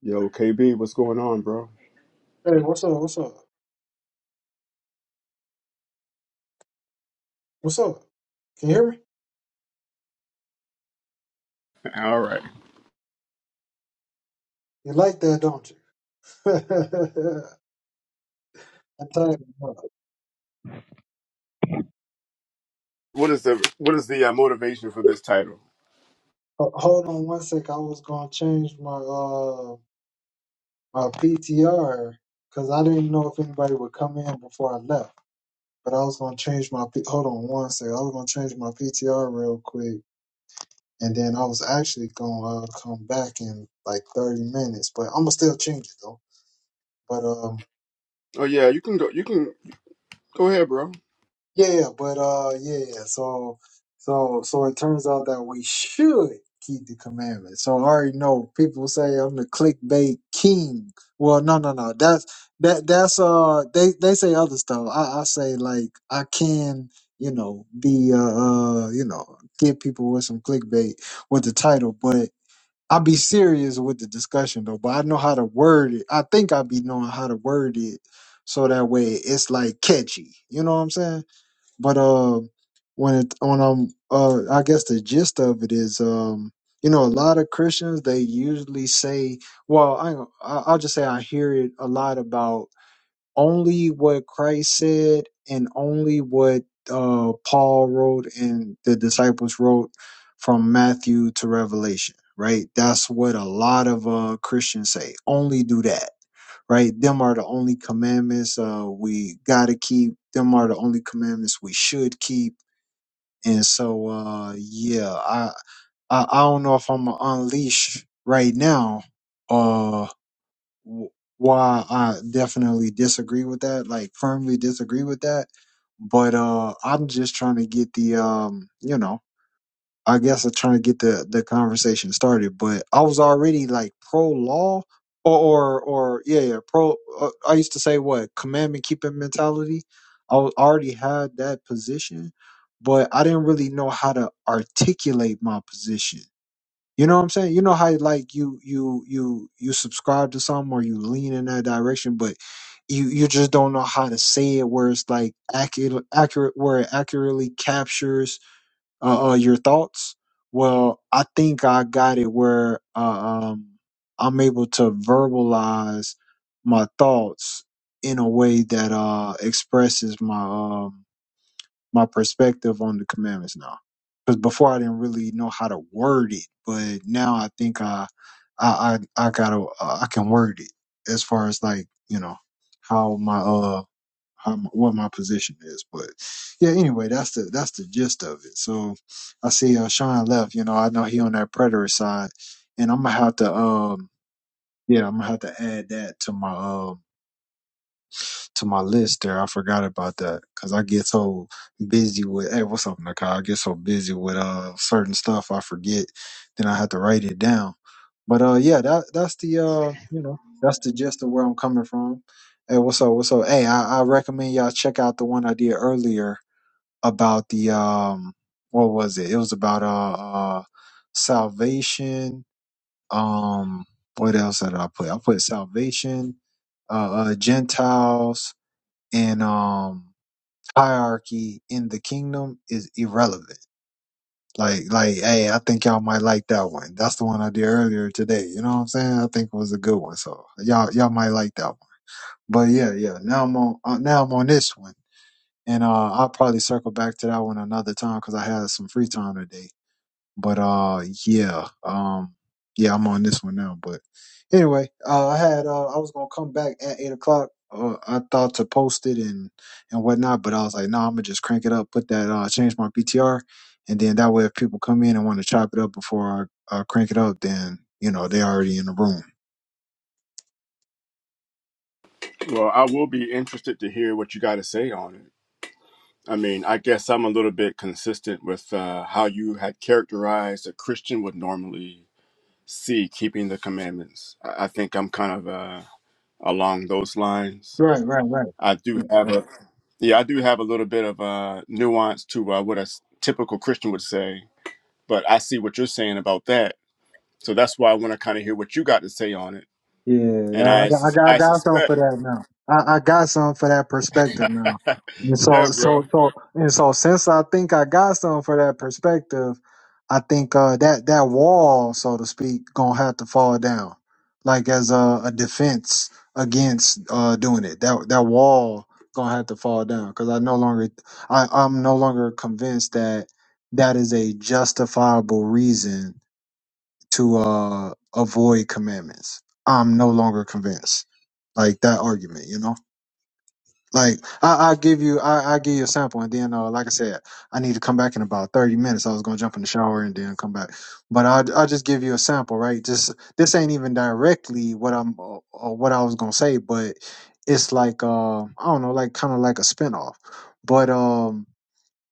Yo, KB, what's going on, bro? Hey, what's up? What's up? What's up? Can you hear me? All right. You like that, don't you? I tell you, what. What is the what is the uh, motivation for this title? Ho- hold on one sec. I was gonna change my uh my PTR because I didn't know if anybody would come in before I left. But I was gonna change my P- hold on one sec. I was gonna change my PTR real quick, and then I was actually gonna uh, come back in like thirty minutes. But I'm gonna still change it though. But um. Oh yeah, you can go. You can go ahead, bro. Yeah, yeah, but uh, yeah. yeah, yeah. So, so, so it turns out that we should keep the commandments. So I already know people say I'm the clickbait king. Well, no, no, no. That's that. That's uh. They they say other stuff. I I say like I can you know be uh, uh you know get people with some clickbait with the title, but. I be serious with the discussion though, but I know how to word it. I think I be knowing how to word it so that way it's like catchy. You know what I'm saying? but uh, when it when I'm uh, I guess the gist of it is um, you know, a lot of Christians they usually say, well, I I- I'll just say I hear it a lot about only what Christ said and only what uh Paul wrote and the disciples wrote from Matthew to Revelation, right? That's what a lot of uh Christians say. Only do that right? Them are the only commandments uh, we gotta keep. Them are the only commandments we should keep. And so, uh, yeah, I, I I don't know if I'm gonna unleash right now. Uh, wh- why I definitely disagree with that, like firmly disagree with that. But uh, I'm just trying to get the um, you know, I guess I'm trying to get the the conversation started, but I was already like pro law or or, or yeah, yeah pro. Uh, I used to say what commandment keeping mentality. I was, already had that position, but I didn't really know how to articulate my position. You know what I'm saying? You know how like you you you you subscribe to something or you lean in that direction, but you you just don't know how to say it where it's like accurate accurate where it accurately captures uh, uh your thoughts well i think i got it where uh, um i'm able to verbalize my thoughts in a way that uh expresses my um my perspective on the commandments now because before i didn't really know how to word it but now i think i i i, I gotta uh, i can word it as far as like you know how my uh how my, what my position is. But yeah, anyway, that's the that's the gist of it. So I see uh, Sean left. You know, I know he on that predator side, and I'm gonna have to um yeah, I'm gonna have to add that to my um to my list there. I forgot about that because I get so busy with hey, what's up, Nakai? I get so busy with uh certain stuff I forget, then I have to write it down. But uh, yeah, that that's the uh, you know, that's the gist of where I'm coming from. Hey, what's up? What's up? Hey, I, I recommend y'all check out the one I did earlier about the um, what was it? It was about uh, uh salvation. Um, what else did I put? I put salvation uh, uh Gentiles, and um hierarchy in the kingdom is irrelevant. Like like hey, I think y'all might like that one. That's the one I did earlier today. You know what I'm saying? I think it was a good one. So y'all y'all might like that one. But yeah, yeah. Now I'm on uh, now I'm on this one. And uh I'll probably circle back to that one another time cuz I had some free time today but uh, yeah, um, yeah, I'm on this one now. But anyway, uh, I had uh, I was gonna come back at eight o'clock. Uh, I thought to post it and and whatnot, but I was like, no, nah, I'm gonna just crank it up, put that uh, change my PTR, and then that way, if people come in and want to chop it up before I uh, crank it up, then you know they already in the room. Well, I will be interested to hear what you got to say on it. I mean, I guess I'm a little bit consistent with uh, how you had characterized a Christian would normally see keeping the commandments. I, I think I'm kind of uh, along those lines. Right, right, right, I do right. have right. a yeah, I do have a little bit of uh, nuance to uh, what a s- typical Christian would say. But I see what you're saying about that. So that's why I want to kind of hear what you got to say on it. Yeah, And I I, got, I sus- got, I I got something suspect, for that now. I, I got something for that perspective now. And yeah, so, bro. so, so, and so, since I think I got something for that perspective, I think uh, that that wall, so to speak, gonna have to fall down, like as a, a defense against uh, doing it. That that wall gonna have to fall down because I no longer, I, I'm no longer convinced that that is a justifiable reason to uh, avoid commandments. I'm no longer convinced. Like that argument, you know. Like I, I give you, I, I give you a sample, and then uh, like I said, I need to come back in about thirty minutes. I was gonna jump in the shower and then come back, but I I just give you a sample, right? Just this ain't even directly what I'm uh, uh, what I was gonna say, but it's like uh, I don't know, like kind of like a spinoff. But um,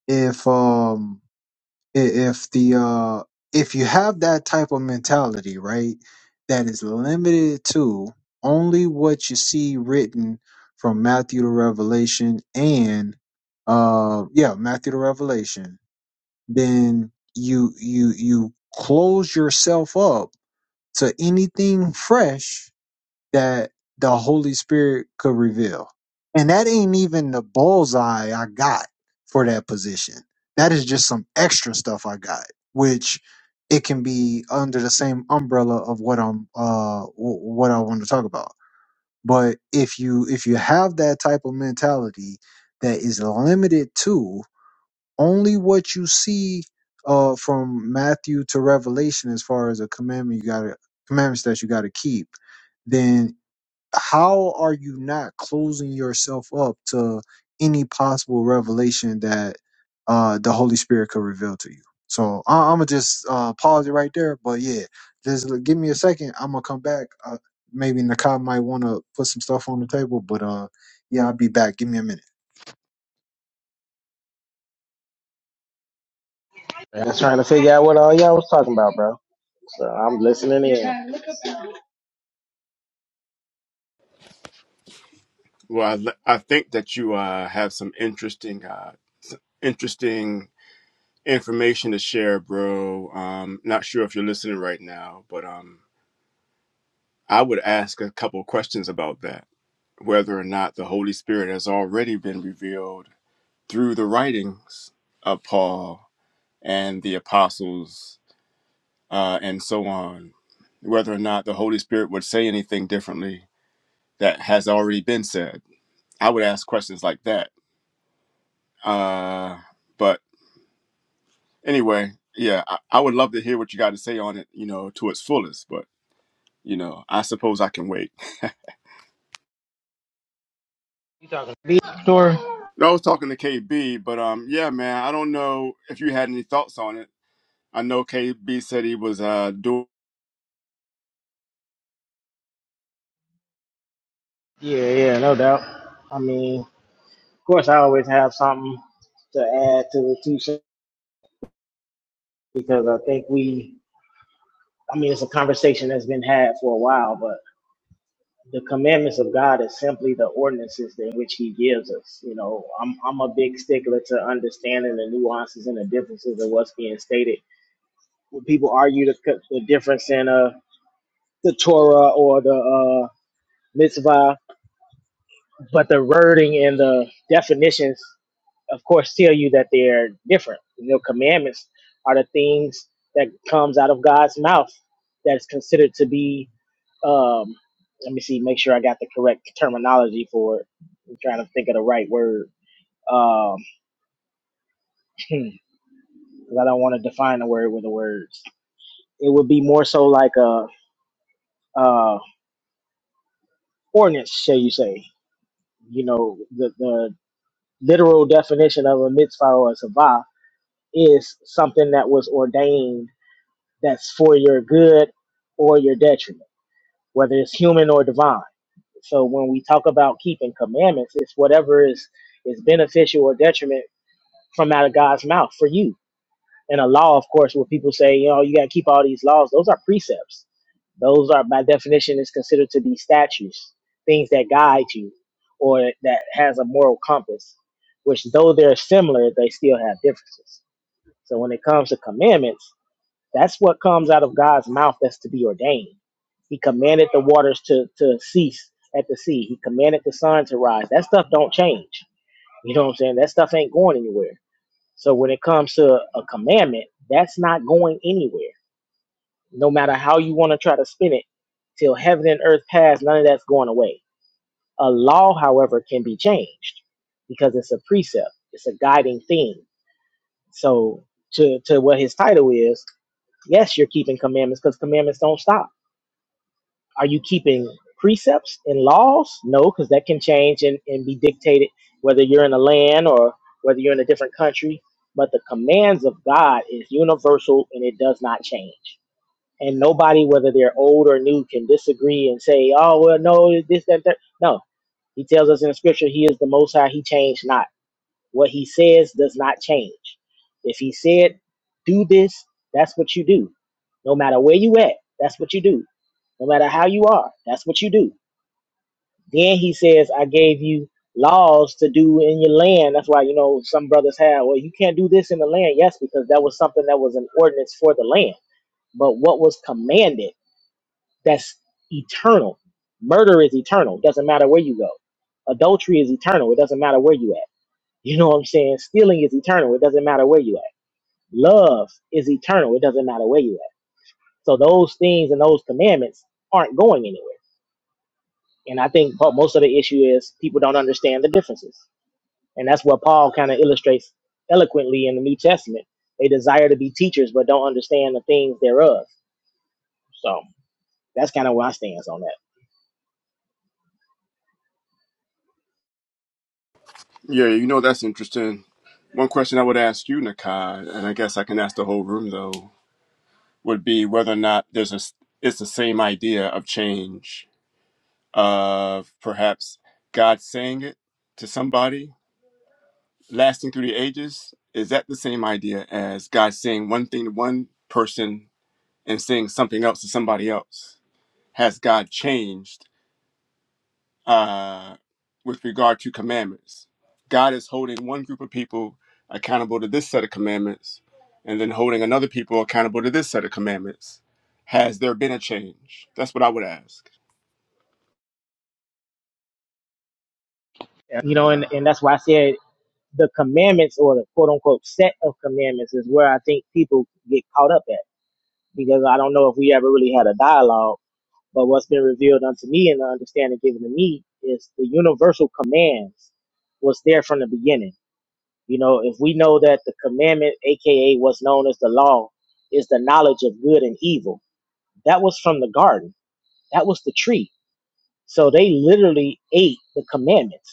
if um i- if the uh if you have that type of mentality right that is limited to only what you see written from matthew to revelation and uh yeah matthew to revelation then you you you close yourself up to anything fresh that the Holy Spirit could reveal. And that ain't even the bullseye I got for that position. That is just some extra stuff I got, which it can be under the same umbrella of what I'm uh wh- what I want to talk about. But if you if you have that type of mentality that is limited to only what you see uh from Matthew to Revelation as far as a commandment you got to commandments that you got to keep, then how are you not closing yourself up to any possible revelation that uh, the Holy Spirit could reveal to you? So I- I'm gonna just uh, pause it right there. But yeah, just l- give me a second. I'm gonna come back. Uh, maybe Nakai might want to put some stuff on the table, but uh, yeah, I'll be back. Give me a minute. Man, I'm trying to figure out what all y'all was talking about, bro. So I'm listening in. Well, I, l- I think that you uh, have some interesting, uh, interesting information to share, bro. Um, not sure if you're listening right now, but um, I would ask a couple of questions about that. Whether or not the Holy Spirit has already been revealed through the writings of Paul and the apostles uh, and so on. Whether or not the Holy Spirit would say anything differently that has already been said. I would ask questions like that. Uh, but anyway, yeah, I, I would love to hear what you got to say on it, you know, to its fullest. But, you know, I suppose I can wait. You talking beat story? I was talking to KB, but um, yeah, man, I don't know if you had any thoughts on it. I know KB said he was uh, doing, Yeah, yeah, no doubt. I mean, of course, I always have something to add to the two cents because I think we, I mean, it's a conversation that's been had for a while, but the commandments of God is simply the ordinances in which He gives us. You know, I'm I'm a big stickler to understanding the nuances and the differences of what's being stated. When people argue the, the difference in uh the Torah or the uh mitzvah, but the wording and the definitions, of course, tell you that they're different. You know, commandments are the things that comes out of God's mouth that is considered to be. Um, let me see, make sure I got the correct terminology for it. I'm trying to think of the right word um, because I don't want to define a word with the words. It would be more so like a, uh ordinance, shall you say? You know, the the literal definition of a mitzvah or a sabah is something that was ordained that's for your good or your detriment, whether it's human or divine. So when we talk about keeping commandments, it's whatever is is beneficial or detriment from out of God's mouth for you. And a law, of course, where people say, you know, you gotta keep all these laws, those are precepts. Those are by definition is considered to be statutes, things that guide you or that has a moral compass, which though they're similar, they still have differences. So when it comes to commandments, that's what comes out of God's mouth that's to be ordained. He commanded the waters to, to cease at the sea. He commanded the sun to rise. That stuff don't change. You know what I'm saying? That stuff ain't going anywhere. So when it comes to a commandment, that's not going anywhere. No matter how you want to try to spin it, till heaven and earth pass, none of that's going away. A law, however, can be changed because it's a precept, it's a guiding thing. So to to what his title is, yes, you're keeping commandments because commandments don't stop Are you keeping precepts and laws? No, because that can change and, and be dictated whether you're in a land or whether you're in a different country. But the commands of God is universal and it does not change. And nobody, whether they're old or new, can disagree and say, oh, well, no, this, that, that. No, he tells us in the scripture, he is the most high, he changed not. What he says does not change. If he said, do this, that's what you do. No matter where you at, that's what you do no matter how you are. That's what you do. Then he says, I gave you laws to do in your land. That's why, you know, some brothers have, well, you can't do this in the land. Yes, because that was something that was an ordinance for the land. But what was commanded, that's eternal. Murder is eternal. Doesn't matter where you go. Adultery is eternal. It doesn't matter where you at. You know what I'm saying? Stealing is eternal. It doesn't matter where you at. Love is eternal. It doesn't matter where you at. So those things and those commandments aren't going anywhere And I think po- most of the issue is people don't understand the differences. And that's what Paul kind of illustrates eloquently in the New Testament. They desire to be teachers, but don't understand the things thereof. So that's kind of where I stands on that. yeah, you know, that's interesting. One question I would ask you, Nakai, and I guess I can ask the whole room though. would be whether or not there's a it's the same idea of change of perhaps God saying it to somebody lasting through the ages. Is that the same idea as God saying one thing to one person and saying something else to somebody else? Has God changed uh, with regard to commandments. God is holding one group of people accountable to this set of commandments, and then holding another people accountable to this set of commandments. Has there been a change? That's what I would ask. Yeah. you know, and, and that's why I said the commandments or the quote unquote set of commandments is where I think people get caught up at because I don't know if we ever really had a dialogue But what's been revealed unto me and the understanding given to me is the universal commands was there from the beginning. You know, if we know that the commandment, aka what's known as the law, is the knowledge of good and evil, that was from the garden. That was the tree. So they literally ate the commandments.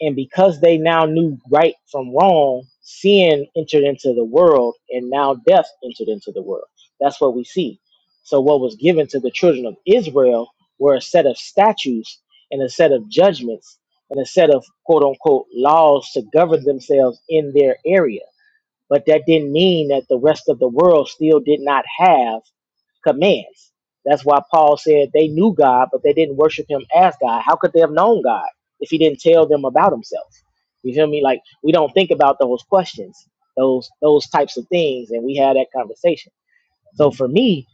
And because they now knew right from wrong, sin entered into the world, and now death entered into the world. That's what we see. So, what was given to the children of Israel were a set of statutes and a set of judgments and a set of quote unquote laws to govern themselves in their area but that didn't mean that the rest of the world still did not have commands. That's why Paul said they knew God, but they didn't worship him as God. How could they have known God if he didn't tell them about himself? You feel me? Like we don't think about those questions, those those types of things, and we had that conversation. So for me,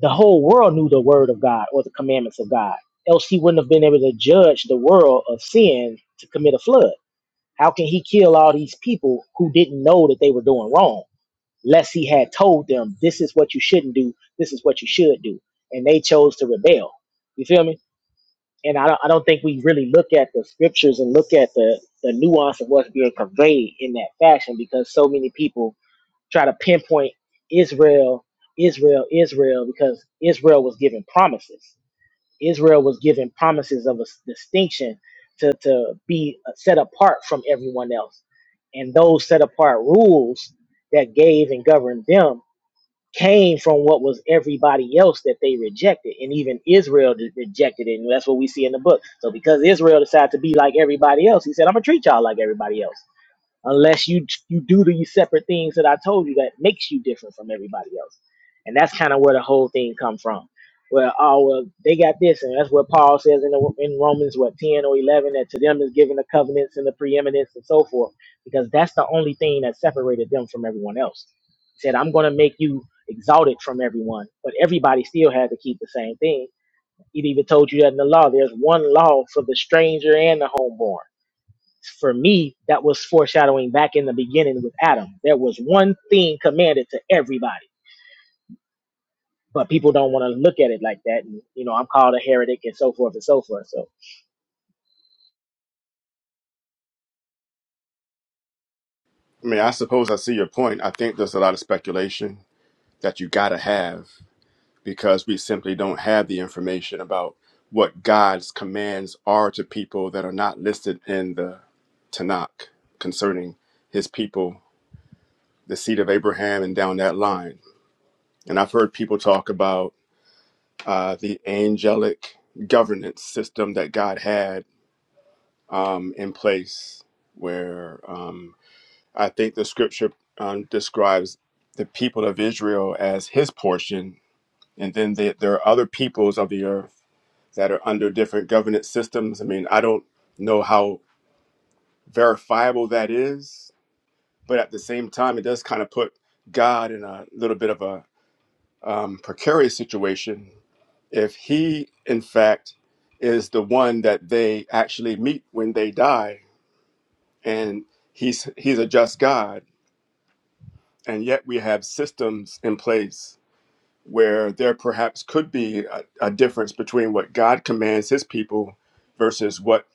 the whole world knew the word of God or the commandments of God. Else he wouldn't have been able to judge the world of sin to commit a flood. How can he kill all these people who didn't know that they were doing wrong? lest he had told them, this is what you shouldn't do, this is what you should do. And they chose to rebel. You feel me? And I don't, I don't think we really look at the scriptures and look at the, the nuance of what's being conveyed in that fashion because so many people try to pinpoint Israel, Israel, Israel, because Israel was given promises. Israel was given promises of a s- distinction to, to be uh, set apart from everyone else. And those set apart rules that gave and governed them came from what was everybody else that they rejected, and even Israel de- rejected it, and that's what we see in the book. So because Israel decided to be like everybody else, he said, "I'm gonna treat y'all like everybody else." unless you you do these separate things that I told you that makes you different from everybody else. And that's kind of where the whole thing come from. Well, oh well, they got this, and that's what Paul says in the, in Romans what ten or eleven that to them is given the covenants and the preeminence and so forth, because that's the only thing that separated them from everyone else. He said, "I'm going to make you exalted from everyone," but everybody still had to keep the same thing. It even told you that in the law, there's one law for the stranger and the homeborn for me, that was foreshadowing back in the beginning with Adam. There was one thing commanded to everybody, but people don't want to look at it like that. And, you know, I'm called a heretic and so forth and so forth. So, I mean, I suppose I see your point. I think there's a lot of speculation that you got to have because we simply don't have the information about what God's commands are to people that are not listed in the Tanakh concerning his people, the seed of Abraham, and down that line And I've heard people talk about uh, the angelic governance system that God had um, in place, where um, I think the scripture um, describes the people of Israel as his portion. And then the, there are other peoples of the earth that are under different governance systems. I mean, I don't know how verifiable that is, but at the same time, it does kind of put God in a little bit of a um, precarious situation if he, in fact, is the one that they actually meet when they die, and he's he's a just God, and yet we have systems in place where there perhaps could be a, a difference between what God commands His people versus what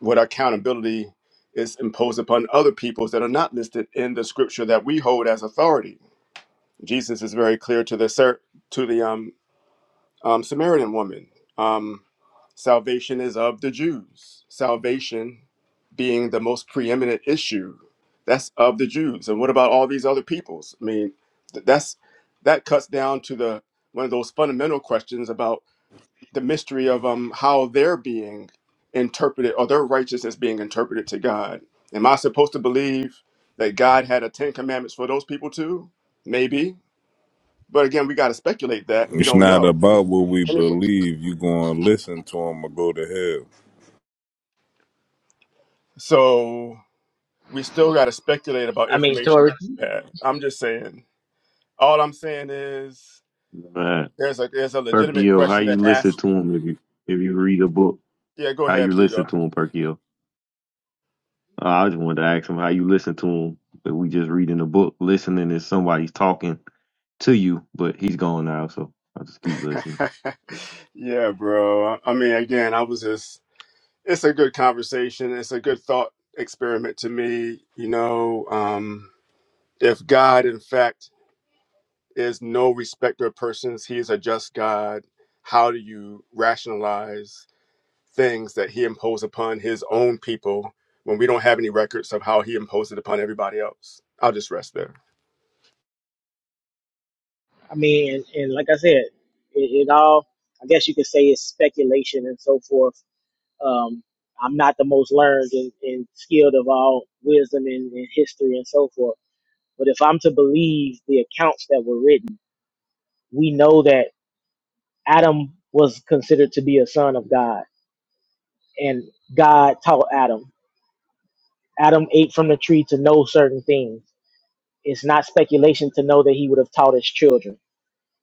what accountability is imposed upon other peoples that are not listed in the Scripture that we hold as authority. Jesus is very clear to the ser- to the um, Um, Samaritan woman. Um, salvation is of the Jews. Salvation being the most preeminent issue. That's of the Jews. And what about all these other peoples? I mean, th- that's that cuts down to the one of those fundamental questions about the mystery of um how they're being interpreted or their righteousness being interpreted to God. Am I supposed to believe that God had a Ten Commandments for those people too? Maybe. But again, we got to speculate that. and We It's don't not know. about what we believe. You gonna listen to them or go to hell. So we still got to speculate about I mean, information we Tori, had. I'm just saying. All I'm saying is Man. there's a there's a legitimate Perkyo, how question you to ask. listen to him if you if you read a book? Yeah, go How you ahead, Vito. listen to him, Perkyo? Uh, I just wanted to ask him how you listen to him. But we just reading a book. Listening is somebody's talking to you, but he's gone now, so I'll just keep listening. yeah, bro. I mean, again, I was just. It's a good conversation. It's a good thought experiment to me. You know, um, if God, in fact, is no respecter of persons, He is a just God. How do you rationalize? things that he imposed upon his own people when we don't have any records of how he imposed it upon everybody else. I'll just rest there. I mean, and, and like I said, it, it all, I guess you could say it's speculation and so forth. Um, I'm not the most learned and, and skilled of all wisdom and, and history and so forth. But if I'm to believe the accounts that were written, we know that Adam was considered to be a son of God and God taught Adam. Adam ate from the tree to know certain things. It's not speculation to know that he would have taught his children.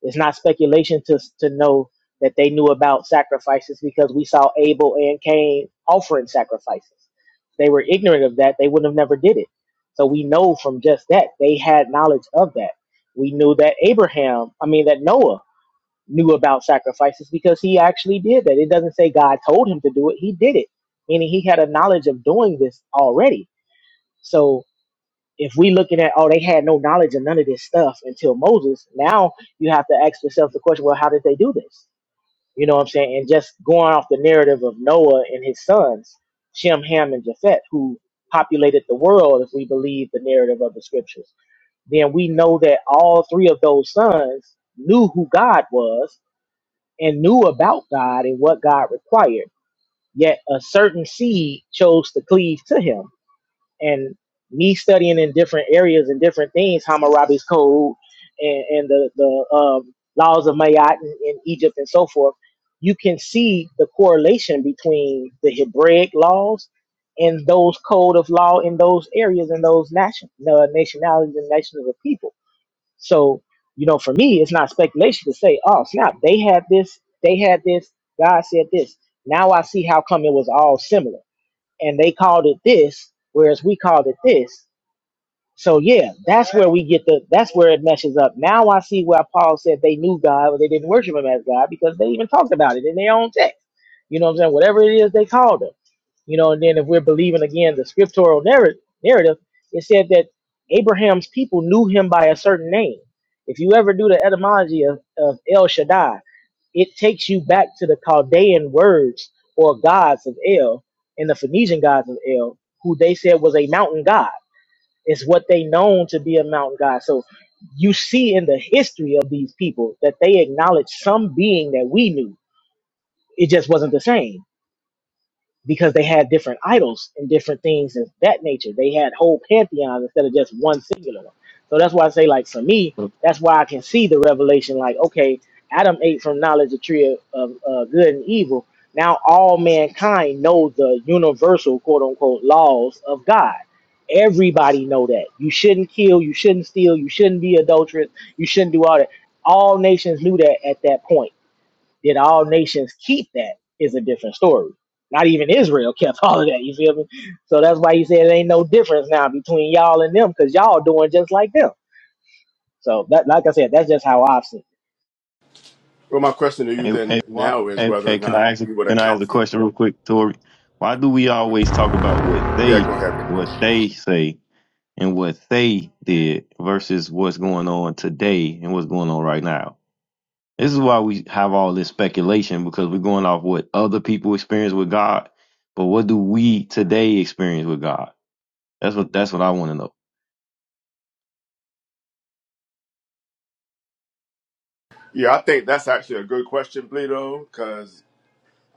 It's not speculation to to know that they knew about sacrifices because we saw Abel and Cain offering sacrifices. They were ignorant of that. They wouldn't have never did it. So we know from just that they had knowledge of that. We knew that Abraham, I mean that Noah knew about sacrifices because he actually did that. It doesn't say God told him to do it, he did it, meaning he had a knowledge of doing this already. So if we looking at oh they had no knowledge of none of this stuff until Moses, now you have to ask yourself the question, well, how did they do this? You know what I'm saying? And just going off the narrative of Noah and his sons, Shem, Ham, and Japheth, who populated the world if we believe the narrative of the scriptures, then we know that all three of those sons knew who God was and knew about God and what God required. Yet a certain seed chose to cleave to him. And me studying in different areas and different things, Hammurabi's code and, and the, the um, laws of Mayat in, in Egypt and so forth, you can see the correlation between the Hebraic laws and those code of law in those areas and those nation, uh, nationalities and nations of people so, you know, for me, it's not speculation to say, oh, snap, they had this, they had this, God said this. Now I see how come it was all similar. And they called it this, whereas we called it this. So yeah, that's where we get the that's where it meshes up. Now I see why Paul said they knew God, but they didn't worship him as God because they even talked about it in their own text. You know what I'm saying? Whatever it is they called him. You know, and then if we're believing again the scriptural narr- narrative, it said that Abraham's people knew him by a certain name. If you ever do the etymology of, of El Shaddai, it takes you back to the Chaldean words or gods of El and the Phoenician gods of El, who they said was a mountain god. It's what they known to be a mountain god. So you see in the history of these people that they acknowledge some being that we knew. It just wasn't the same because they had different idols and different things of that nature. They had whole pantheons instead of just one singular one. So that's why I say, like, for me, that's why I can see the revelation, like, okay, Adam ate from knowledge of tree of, of uh, good and evil. Now all mankind knows the universal, quote unquote, laws of God. Everybody know that. You shouldn't kill, you shouldn't steal, you shouldn't be adulterous, you shouldn't do all that. All nations knew that at that point did all nations keep that is a different story. Not even Israel kept all of that. You feel me? So that's why he said it ain't no difference now between y'all and them because y'all doing just like them. So that, like I said, that's just how I've seen. It. Well, my question to you Hey, then hey, why, now is hey, whether hey, or can not I ask? you would Can I ask account a for. question real quick, Tori? Why do we always talk about what Yeah, they, go ahead. Bro. what they say, and what they did versus what's going on today and what's going on right now? This is why we have all this speculation because we're going off what other people experience with God, but what do we today experience with God? That's what that's what I want to know. Yeah, I think that's actually a good question, Bleedo, because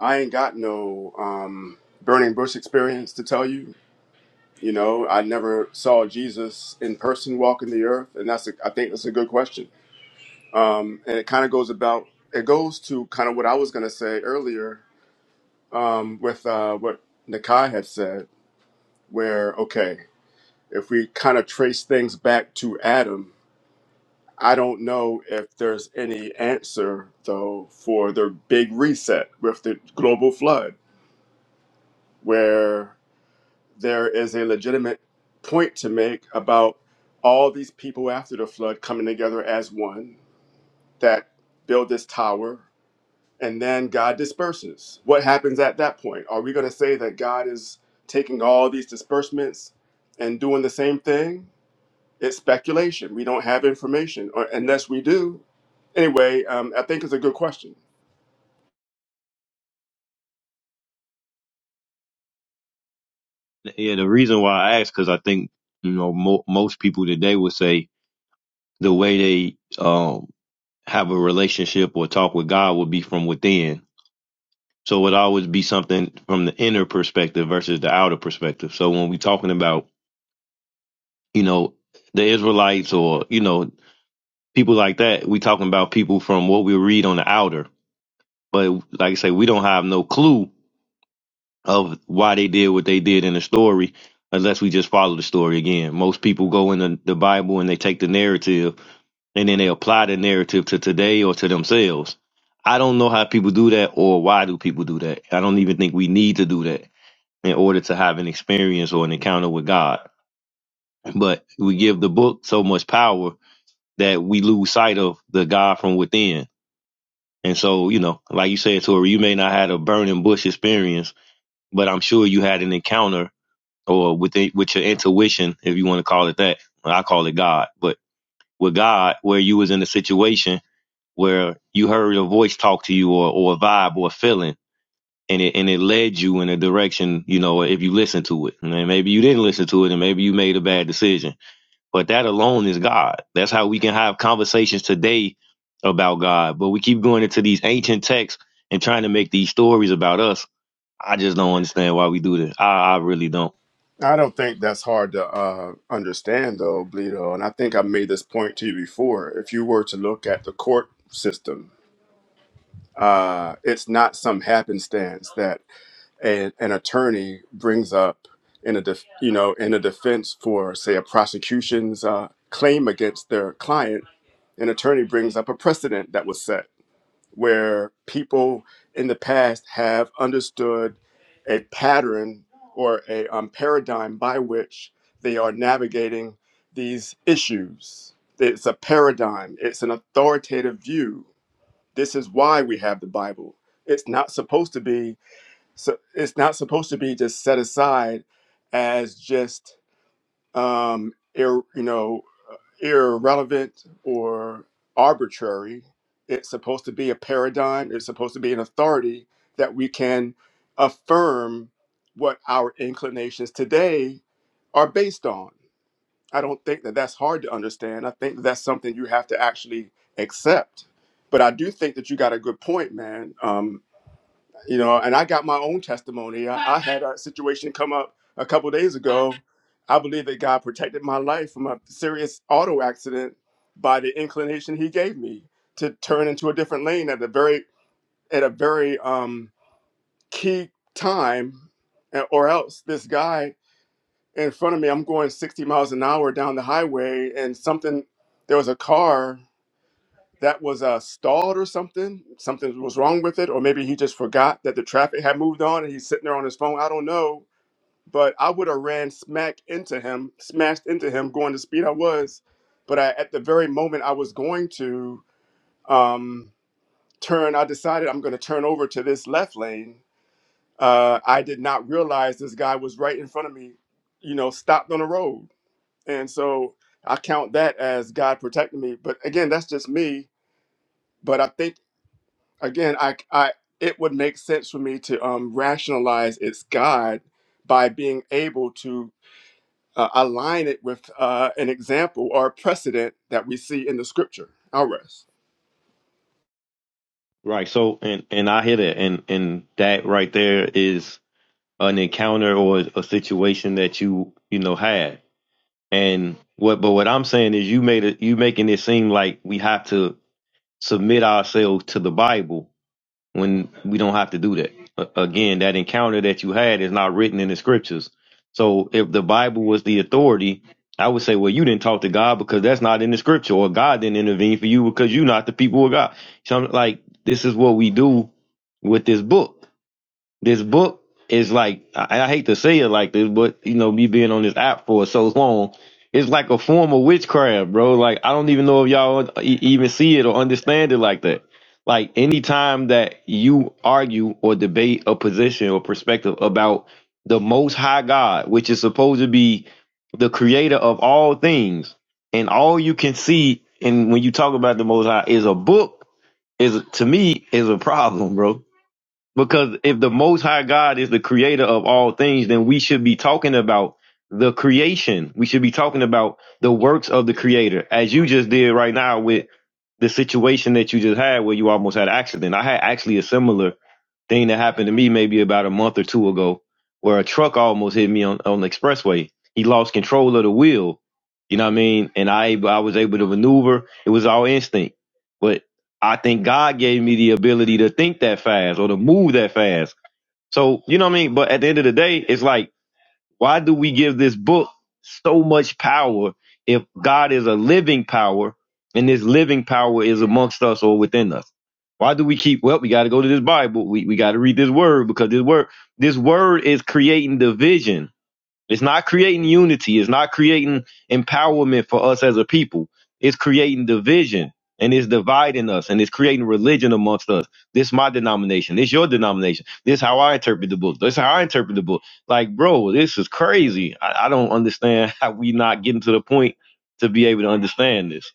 I ain't got no um, burning bush experience to tell you. You know, I never saw Jesus in person walking the earth, and that's a, I think that's a good question. Um, and it kind of goes about it goes to kind of what I was going to say earlier um, with uh, what Nakai had said, where, okay, if we kind of trace things back to Adam, I don't know if there's any answer, though, for the big reset with the global flood, where there is a legitimate point to make about all these people after the flood coming together as one that build this tower and then God disperses. What happens at that point? Are we going to say that God is taking all these disbursements and doing the same thing? It's speculation. We don't have information, or unless we do. Anyway, um, I think it's a good question. Yeah, the reason why I ask because I think you know mo- most people today would say the way they um have a relationship or talk with God would be from within. So it would always be something from the inner perspective versus the outer perspective. So when we talking about you know the Israelites or you know people like that, we talking about people from what we read on the outer But like I say, we don't have no clue of why they did what they did in the story unless we just follow the story again. Most people go in the, the Bible and they take the narrative and then they apply the narrative to today or to themselves. I don't know how people do that or why do people do that. I don't even think we need to do that in order to have an experience or an encounter with God. But we give the book so much power that we lose sight of the God from within. And so, you know, like you said, Tori, you may not have had a burning bush experience but I'm sure you had an encounter or with it- with your intuition, if you want to call it that. I call it God, but with God, where you was in a situation where you heard a voice talk to you or, or a vibe or a feeling, and it and it led you in a direction, you know, if you listened to it, and maybe you didn't listen to it, and maybe you made a bad decision. But that alone is God. That's how we can have conversations today about God. But we keep going into these ancient texts and trying to make these stories about us I just don't understand why we do this. I, I really don't. I don't think that's hard to uh, understand, though, Bleedo. And I think I made this point to you before. If you were to look at the court system, uh, it's not some happenstance that a, an attorney brings up in a def, you know in a defense for say a prosecution's uh, claim against their client an attorney brings up a precedent that was set where people in the past have understood a pattern or a um, paradigm by which they are navigating these issues it's a paradigm it's an authoritative view this is why we have the bible it's not supposed to be so it's not supposed to be just set aside as just um ir- you know irrelevant or arbitrary it's supposed to be a paradigm it's supposed to be an authority that we can affirm what our inclinations today are based on i don't think that that's hard to understand i think that's something you have to actually accept but i do think that you got a good point man um, you know and i got my own testimony i, I had a situation come up a couple days ago i believe that god protected my life from a serious auto accident by the inclination he gave me to turn into a different lane at a very at a very um key time and- or else this guy in front of me i'm going 60 miles an hour down the highway and something there was a car that was uh, stalled or something. Something was wrong with it, or maybe he just forgot that the traffic had moved on and he's sitting there on his phone. I don't know, but I would have ran smack into him, smashed into him, going the speed I was. But I, at the very moment I was going to um, turn, I decided I'm going to turn over to this left lane. Uh, I did not realize this guy was right in front of me, you know, stopped on the road, and so I count that as God protecting me. But again, that's just me. But I think again, I, I, it would make sense for me to um, rationalize its God by being able to uh, align it with uh, an example or a precedent that we see in the scripture. I'll rest. Right. So, and and I hear that, and and that right there is an encounter or a situation that you you know had. And what, but what I'm saying is, you made it. You making it seem like we have to submit ourselves to the Bible when we don't have to do that. A- Again, that encounter that you had is not written in the scriptures. So if the Bible was the authority, I would say, well, you didn't talk to God because that's not in the scripture, or God didn't intervene for you because you're not the people of God. So I'm like, this is what we do with this book. This book is like I, I hate to say it like this, but you know, me being on this app for so long, it's like a form of witchcraft, bro. Like I don't even know if y'all e- even see it or understand it like that. Like anytime that you argue or debate a position or perspective about the most high God, which is supposed to be the creator of all things, and all you can see and when you talk about the most high is a book, is to me is a problem, bro because if the Most High God is the creator of all things, then we should be talking about the creation. We should be talking about the works of the creator, as you just did right now with the situation that you just had where you almost had an accident. I had actually a similar thing that happened to me maybe about a month or two ago where a truck almost hit me on, on the expressway. He lost control of the wheel. You know what I mean? And I, I was able to maneuver. It was all instinct. But I think God gave me the ability to think that fast or to move that fast. So, you know what I mean? But at the end of the day, it's like, why do we give this book so much power if God is a living power and this living power is amongst us or within us? Why do we keep, well, we got to go to this Bible. We, we got to read this word because this word, this word is creating division it's not creating unity. It's not creating empowerment for us as a people. It's creating division and it's dividing us and it's creating religion amongst us. This is my denomination. This is your denomination. This is how I interpret the book. This is how I interpret the book. Like, bro, this is crazy. I, I don't understand how we not getting to the point to be able to understand this.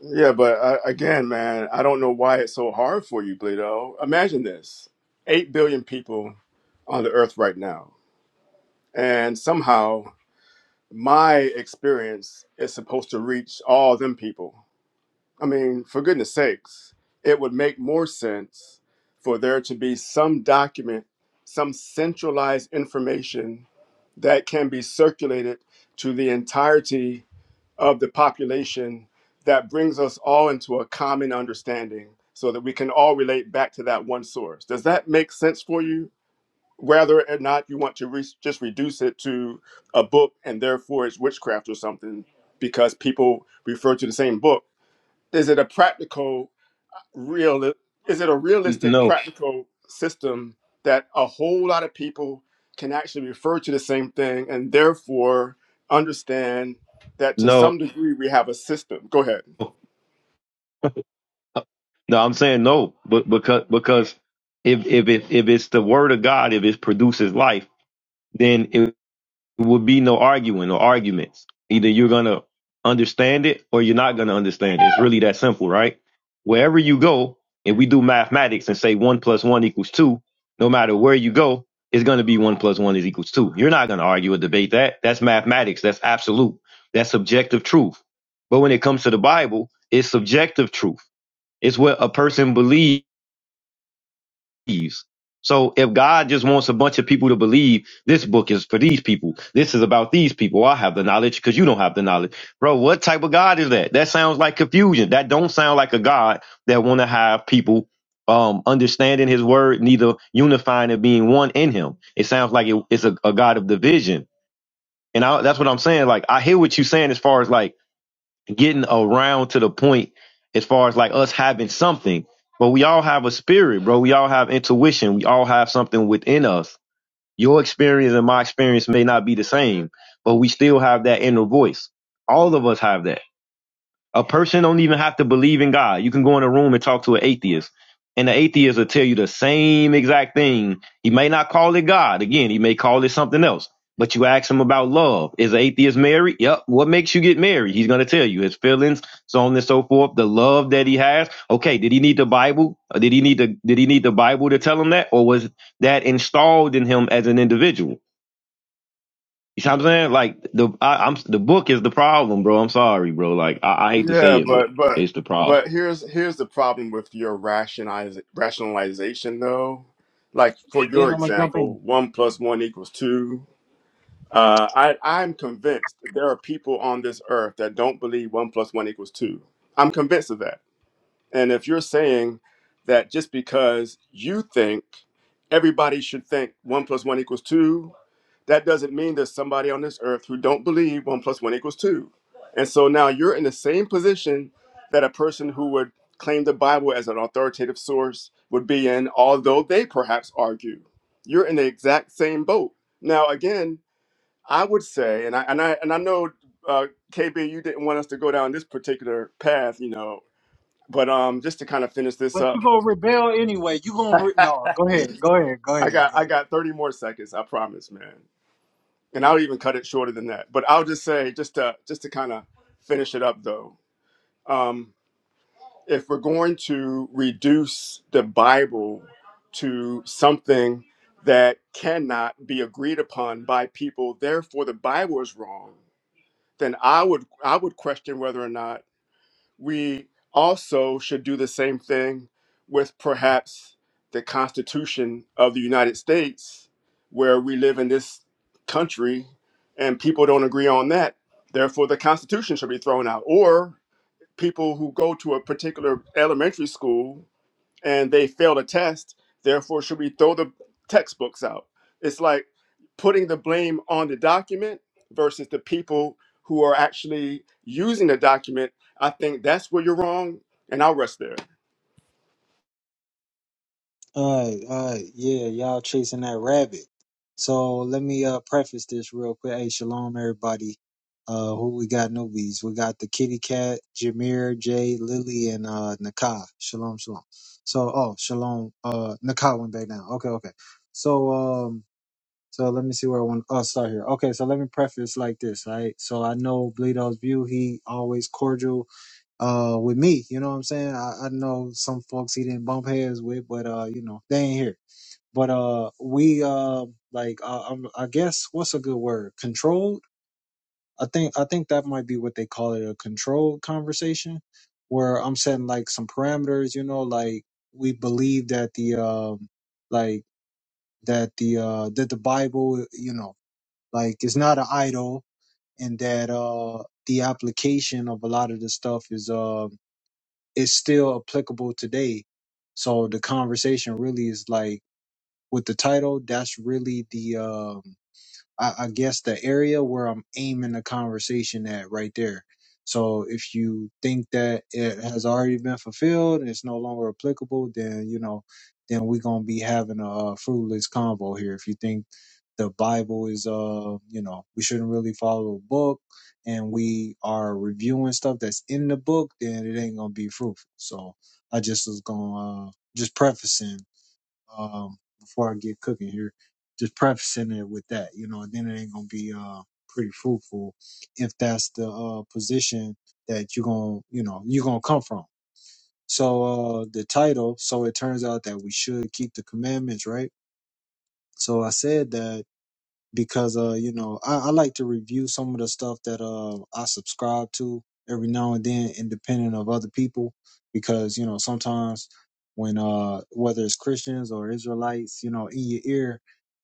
Yeah, but uh, again, man, I don't know why it's so hard for you, Bleedo. Imagine this 8 billion people on the earth right now. And somehow my experience is supposed to reach all them people. I mean, for goodness sakes, it would make more sense for there to be some document, some centralized information that can be circulated to the entirety of the population that brings us all into a common understanding so that we can all relate back to that one source. Does that make sense for you? Whether or not you want to re- just reduce it to a book and therefore it's witchcraft or something because people refer to the same book is it a practical real is it a N- realistic No, practical system that a whole lot of people can actually refer to the same thing and therefore understand that to no, some degree we have a system go ahead no. I'm saying no, but because because if if it if it's the word of God, if it produces life, then. There would be no arguing or arguments. Either you're gonna understand it or you're not gonna understand it. It's really that simple, right? Wherever you go, if we do mathematics and say one plus one equals two, no matter where you go, it's gonna be one plus one is equals two. You're not gonna argue or debate that. That's mathematics. That's absolute. That's subjective truth. But when it comes to the Bible, it's subjective truth. It's what a person believes believes. So if God just wants a bunch of people to believe this book is for these people, this is about these people. I have the knowledge because you don't have the knowledge, bro. What type of God is that? That sounds like confusion. That don't sound like a God that want to have people um understanding His word, neither unifying and being one in Him. It sounds like it- it's a, a God of division, and I, that's what I'm saying. Like I hear what you're saying as far as like getting around to the point as far as like us having something. But we all have a spirit, bro. We all have intuition. We all have something within us. Your experience and my experience may not be the same, but we still have that inner voice. All of us have that. A person don't even have to believe in God. You can go in a room and talk to an atheist, and the atheist will tell you the same exact thing. He may not call it God. Again, he may call it something else. But you ask him about love. Is an atheist married? Yep. What makes you get married? He's gonna tell you his feelings, so on and so forth. The love that he has. Okay, did he need the Bible? Or did he need the Did he need the Bible to tell him that, or was that installed in him as an individual? You see what I'm saying? Like the I, I'm the book is the problem, bro. I'm sorry, bro. Like I, I hate to say yeah it, but but but it's the problem. but here's here's the problem with your rationaliz- rationalization though like for And then your I'm gonna jump in. example one plus one equals two Uh, I, I'm convinced that there are people on this earth that don't believe one plus one equals two. I'm convinced of that. And if you're saying that just because you think everybody should think one plus one equals two, that doesn't mean there's somebody on this earth who don't believe one plus one equals two. And so now you're in the same position that a person who would claim the Bible as an authoritative source would be in, although they perhaps argue. You're in the exact same boat. Now, again, I would say, and I and I and I know uh, KB, you didn't want us to go down this particular path, you know, but um, just to kind of finish this But up, you gonna rebel anyway. You gonna re- no. Go ahead. Go ahead. Go I ahead. got Go I ahead. got thirty more seconds, I promise, man, and I'll even cut it shorter than that. But I'll just say, just to just to kind of finish it up, though, um, if we're going to reduce the Bible to something that cannot be agreed upon by people, therefore the Bible is wrong, then I would I would question whether or not we also should do the same thing with perhaps the Constitution of the United States, where we live in this country and people don't agree on that. Therefore, the Constitution should be thrown out. Or people who go to a particular elementary school and they failed a test. Therefore, should we throw the textbooks out? It's like putting the blame on the document versus the people who are actually using the document. I think that's where you're wrong, and I'll rest there. All right, all right, yeah, y'all chasing that rabbit. So let me uh preface this real quick. Hey, shalom, everybody. Uh, who we got? Newbies. We got the kitty cat, Jameer, Jay, Lily, and uh Nakai. Shalom, shalom. So, oh, shalom. Uh, Nakai went back down. Okay, okay. So, um, so let me see where I want. Oh, start here. Okay, so let me preface like this, right? So I know Bleedo's view. He always cordial uh with me. You know what I'm saying? I, I know some folks he didn't bump heads with, but uh, you know, they ain't here. But uh we uh like uh, I'm, I guess what's a good word? Controlled. I think I think that might be what they call it, a controlled conversation where I'm setting like some parameters, you know, like we believe that the um like that the uh that the Bible, you know, like it's not an idol and that uh the application of a lot of the stuff is uh. Is still applicable today. So the conversation really is like with the title, that's really the um I, I guess the area where I'm aiming the conversation at right there. So if you think that it has already been fulfilled and it's no longer applicable, then you know, then we're gonna be having a uh, fruitless convo here. If you think the Bible is, uh, you know, we shouldn't really follow a book, and we are reviewing stuff that's in the book, then it ain't gonna be fruitful. So I just was gonna uh, just prefacing um, before I get cooking here. Just prefacing it with that, you know, and then it ain't gonna be uh pretty fruitful if that's the uh position that you're gonna, you know, you're gonna come from. So uh the title, so it turns out that we should keep the commandments, right? So I said that because uh you know I, I like to review some of the stuff that uh I subscribe to every now and then independent of other people because you know sometimes when uh whether it's Christians or Israelites you know in your ear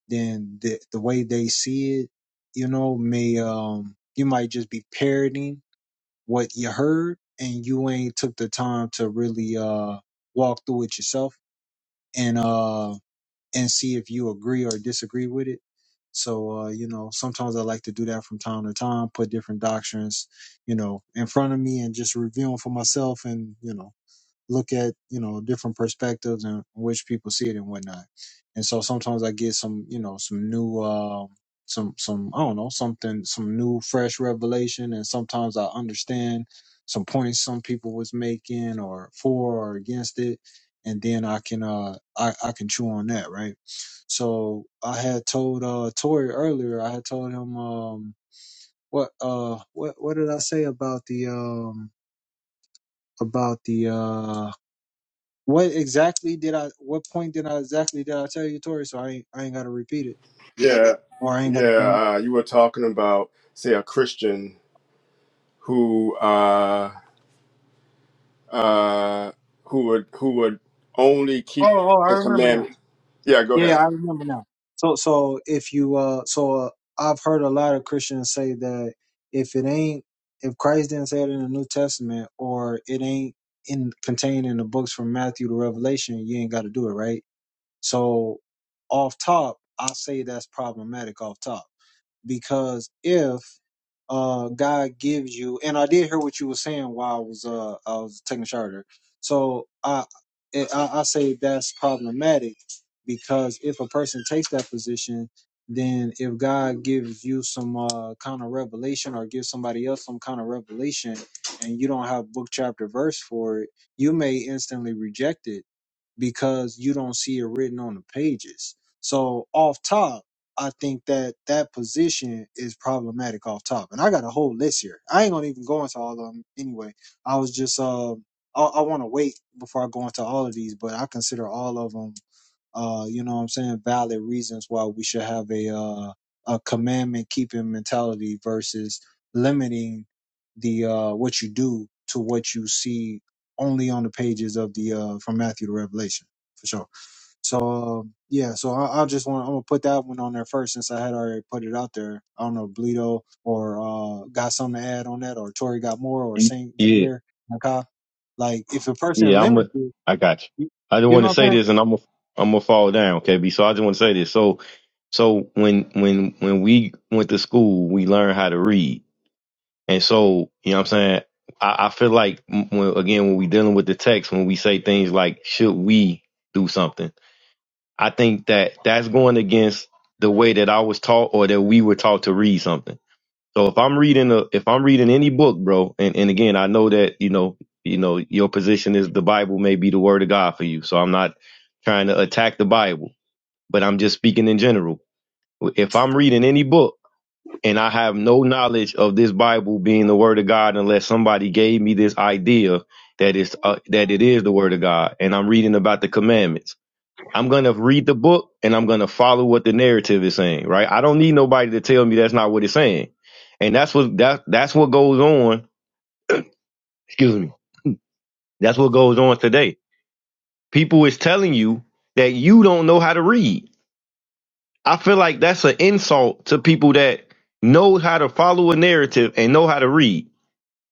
then the the way they see it you know may um you might just be parroting what you heard and you ain't took the time to really uh walk through it yourself and uh and see if you agree or disagree with it. So, uh, you know, sometimes I like to do that from time to time, put different doctrines, you know, in front of me and just review them for myself and, you know, look at you know different perspectives and which people see it and whatnot. And so sometimes I get some you know some new um some some I don't know something some new fresh revelation, and sometimes I understand some points some people was making or for or against it, and then I can uh I I can chew on that right. So I had told uh Tori earlier. I had told him um what uh what what did I say about the um about the uh what exactly did I? What point did I exactly did I tell you, Tori? So I ain't, I ain't got to repeat it, Yeah, or I ain't got. To, yeah. Uh, you were talking about, say, a Christian who uh, uh, who would who would only oh, keep oh, I the remember now. commandments. Yeah, go Yeah, ahead. I remember now. So, so if you, uh, so uh, I've heard a lot of Christians say that if it ain't, if Christ didn't say it in the New Testament, or it ain't in contained in the books from Matthew to Revelation, you ain't got to do it, right? So, off top, I say that's problematic. Off top because if uh God gives you and I did hear what you were saying while I was uh I was taking a shower there. So I I, I say that's problematic because if a person takes that position, then if God gives you some uh, kind of revelation or gives somebody else some kind of revelation and you don't have book chapter verse for it, you may instantly reject it because you don't see it written on the pages. So off top, I think that that position is problematic off top, and I got a whole list here. I ain't gonna even go into all of them anyway. I was just um, I, I want to wait before I go into all of these, but I consider all of them uh, you know what I'm saying, valid reasons why we should have a uh, a commandment keeping mentality versus limiting the uh, what you do to what you see only on the pages of the uh, from Matthew to Revelation for sure. So um, yeah, so I, I just want I'm gonna put that one on there first since I had already put it out there. I don't know Bleedo or uh, got something to add on that or Tori got more or Saint Yeah, Jameer Nakai. Like if a person yeah, I'm a, limits it, I got you. you, I just you want know to what say I'm this, and I'm a, I'm gonna fall down, KB. So I just want to say this. So, so when when when we went to school, we learned how to read, and so you know what I'm saying. I, I feel like m- when, again when we dealing with the text, when we say things like "should we do something," I think that that's going against the way that I was taught or that we were taught to read something. So if I'm reading a, if I'm reading any book, bro, and, and again, I know that, you know, you know, your position is the Bible may be the word of God for you. So I'm not trying to attack the Bible, but I'm just speaking in general. If I'm reading any book and I have no knowledge of this Bible being the word of God, unless somebody gave me this idea that it's, uh, that it is the word of God and I'm reading about the commandments I'm going to read the book and I'm going to follow what the narrative is saying, right? I don't need nobody to tell me that's not what it's saying. And that's what that that's what goes on, excuse me. That's what goes on today. People is telling you that you don't know how to read. I feel like that's an insult to people that know how to follow a narrative and know how to read.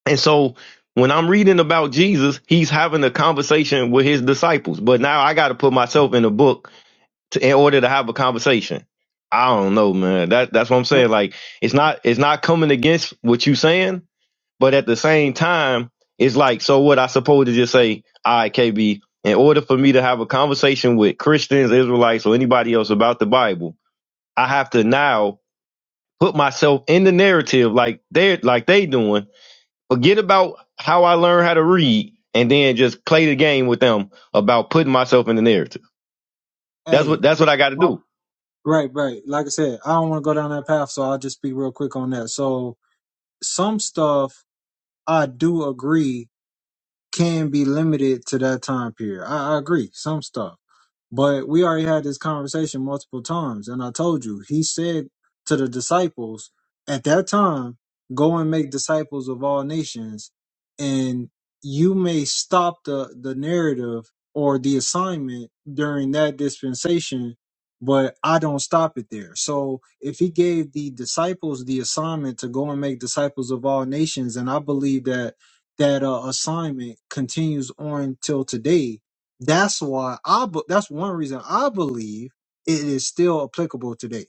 And so when I'm reading about Jesus, he's having a conversation with his disciples. But now I got to put myself in a book to, in order to have a conversation. I don't know, man. That that's what I'm saying? saying. Like it's not it's not coming against what you saying, but at the same time, it's like so what I supposed to just say, all right, KB, in order for me to have a conversation with Christians, Israelites, or anybody else about the Bible, I have to now put myself in the narrative like they're like they doing. Forget about how I learned how to read and then just play the game with them about putting myself in the narrative. That's what Hey, that's what I gotta do. Right, right. Like I said, I don't want to go down that path, so I'll just be real quick on that. So some stuff I do agree can be limited to that time period. I, I agree, some stuff. But we already had this conversation multiple times, and I told you, he said to the disciples at that time, go and make disciples of all nations, and you may stop the, the narrative or the assignment during that dispensation, but I don't stop it there. So if he gave the disciples the assignment to go and make disciples of all nations, and I believe that that uh, assignment continues on till today. That's why I. be- That's one reason I believe it is still applicable today.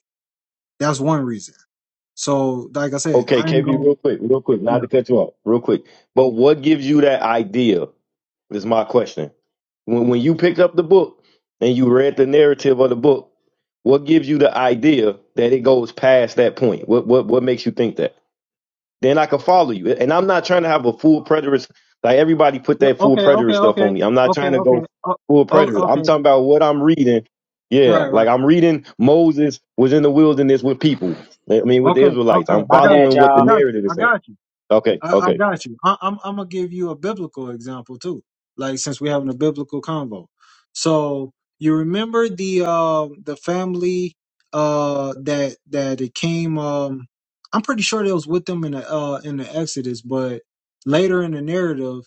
That's one reason. So, like I said, Okay, I ain't KB, gonna. real quick, real quick, not Yeah. to cut you off, real quick. But what gives you that idea is my question. When when you picked up the book and you read the narrative of the book, what gives you the idea that it goes past that point? What what what makes you think that? then I could follow you. And I'm not trying to have a full preterist. Like everybody put Yeah, that full Okay. Okay. preterist stuff on Okay. me. I'm not Okay. trying to Okay. go Oh, full oh, preterist. I'm okay. talking about what I'm reading. Yeah, Right. Right. like I'm reading Moses was in the wilderness with people. I mean, with the Okay. Israelites. Okay. I'm I My got bad, you. following what I the y'all. got you. narrative is I saying. got you. Okay, I, I okay. got you. I, I'm I'm gonna give you a biblical example too. Like since we're having a biblical convo, so you remember the um the family uh that that it came um I'm pretty sure they was with them in the uh in the Exodus, but later in the narrative,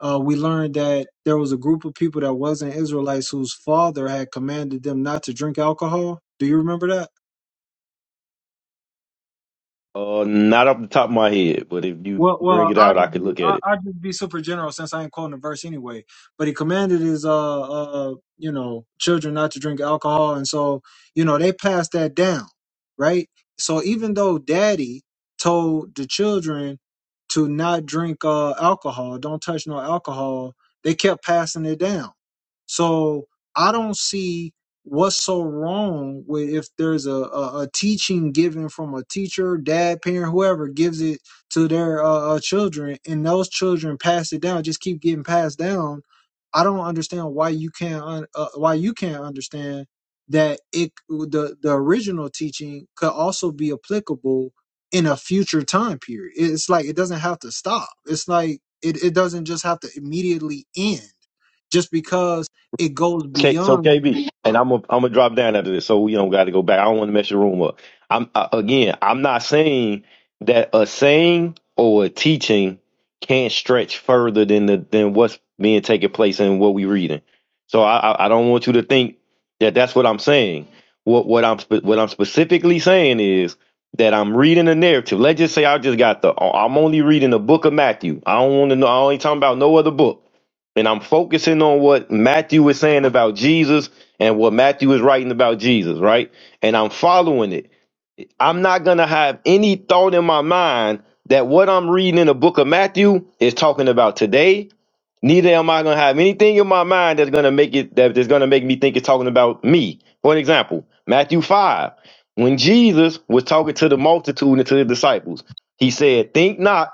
uh we learned that there was a group of people that wasn't Israelites whose father had commanded them not to drink alcohol. Do you remember that? Uh, not off the top of my head, but if you Well, bring well, it I'll out, I just could be look at I, it. I'll just be super general since I ain't quoting the verse anyway. But he commanded his uh uh you know children not to drink alcohol, and so you know they passed that down, right? So even though Daddy told the children to not drink uh alcohol, don't touch no alcohol, they kept passing it down. So I don't see what's so wrong with if there's a a, a teaching given from a teacher, dad, parent, whoever gives it to their uh, uh, children, and those children pass it down, just keep getting passed down. I don't understand why you can't un- uh, why you can't understand that it the the original teaching could also be applicable in a future time period. It's like it doesn't have to stop. It's like it, it doesn't just have to immediately end just because it goes Okay, so beyond. KB, and I'm gonna I'm gonna drop down after this, so we don't got to go back. I don't want to mess your room up. I'm uh, again, I'm not saying that a saying or a teaching can't stretch further than the than what's being taking place and what we reading. So I, I I don't want you to think that that's what I'm saying. What what I'm spe- what I'm specifically saying is that I'm reading a narrative. Let's just say I just got the I'm only reading the book of Matthew. I don't want to know. I ain't talking about no other book and I'm focusing on what Matthew is saying about Jesus and what Matthew is writing about Jesus, right? And I'm following it. I'm not going to have any thought in my mind that what I'm reading in the book of Matthew is talking about today. Neither am I going to have anything in my mind that's going to make it that is going to make me think it's talking about me. For an example, Matthew 5, when Jesus was talking to the multitude and to the disciples, he said, "Think not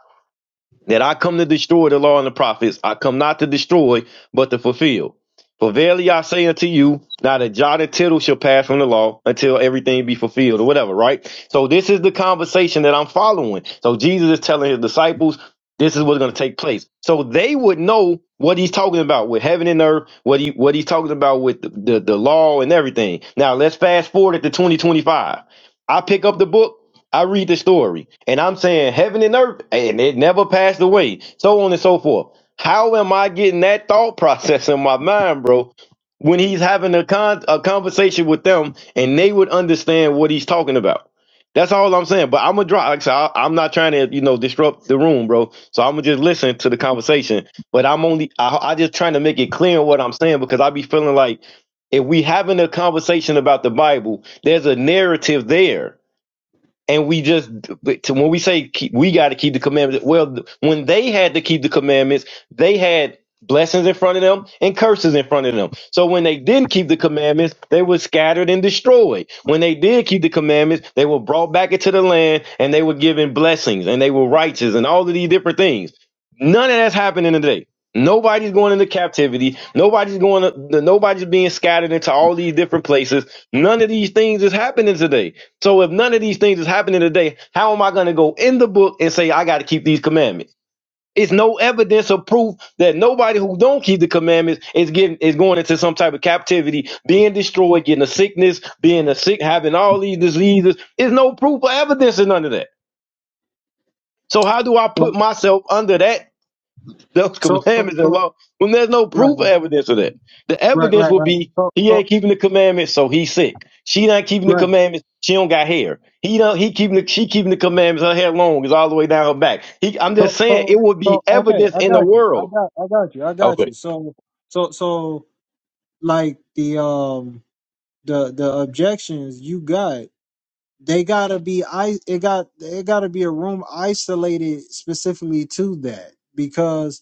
that I come to destroy the law and the prophets. I come not to destroy, but to fulfill. For verily I say unto you, not a jot or tittle shall pass from the law until everything be fulfilled, or whatever, right? So this is the conversation that I'm following. So Jesus is telling his disciples, this is what's going to take place. So they would know what he's talking about with heaven and earth, what he what he's talking about with the, the, the law and everything. Now let's fast forward to 2025. I pick up the book, I read the story, and I'm saying heaven and earth, and it never passed away, so on and so forth. How am I getting that thought process in my mind, bro? When he's having a con a conversation with them, and they would understand what he's talking about. That's all I'm saying. But I'm gonna drop. Like I said, I, I'm not trying to, you know, disrupt the room, bro. So I'm gonna just listen to the conversation. But I'm only, I, I just trying to make it clear in what I'm saying because I be feeling like if we having a conversation about the Bible, there's a narrative there and we just when we say keep, we got to keep the commandments well when they had to keep the commandments they had blessings in front of them and curses in front of them so when they didn't keep the commandments they were scattered and destroyed when they did keep the commandments they were brought back into the land and they were given blessings and they were righteous and all of these different things none of that's happening today nobody's going into captivity nobody's going to, nobody's being scattered into all these different places none of these things is happening today so if none of these things is happening today, how am I going to go in the book and say I got to keep these commandments? It's no evidence or proof that nobody who don't keep the commandments is getting is going into some type of captivity, being destroyed, getting a sickness, being a sick, having all these diseases. There's no proof or evidence in none of that. So how do I put myself under that those So so so commandments and so law when there's no right proof or evidence of that. The right evidence right would right. be So he so ain't keeping the commandments, so he's sick. She not keeping the right. commandments, she don't got hair. He don't he keeping the she keeping the commandments, her hair long is all the way down her back. He, I'm So just saying so it would be so okay, evidence I in the got you. I world. got I got you. I got you. Okay. So so so like the um the the objections you got, they gotta be I it got it gotta be a room isolated specifically to that because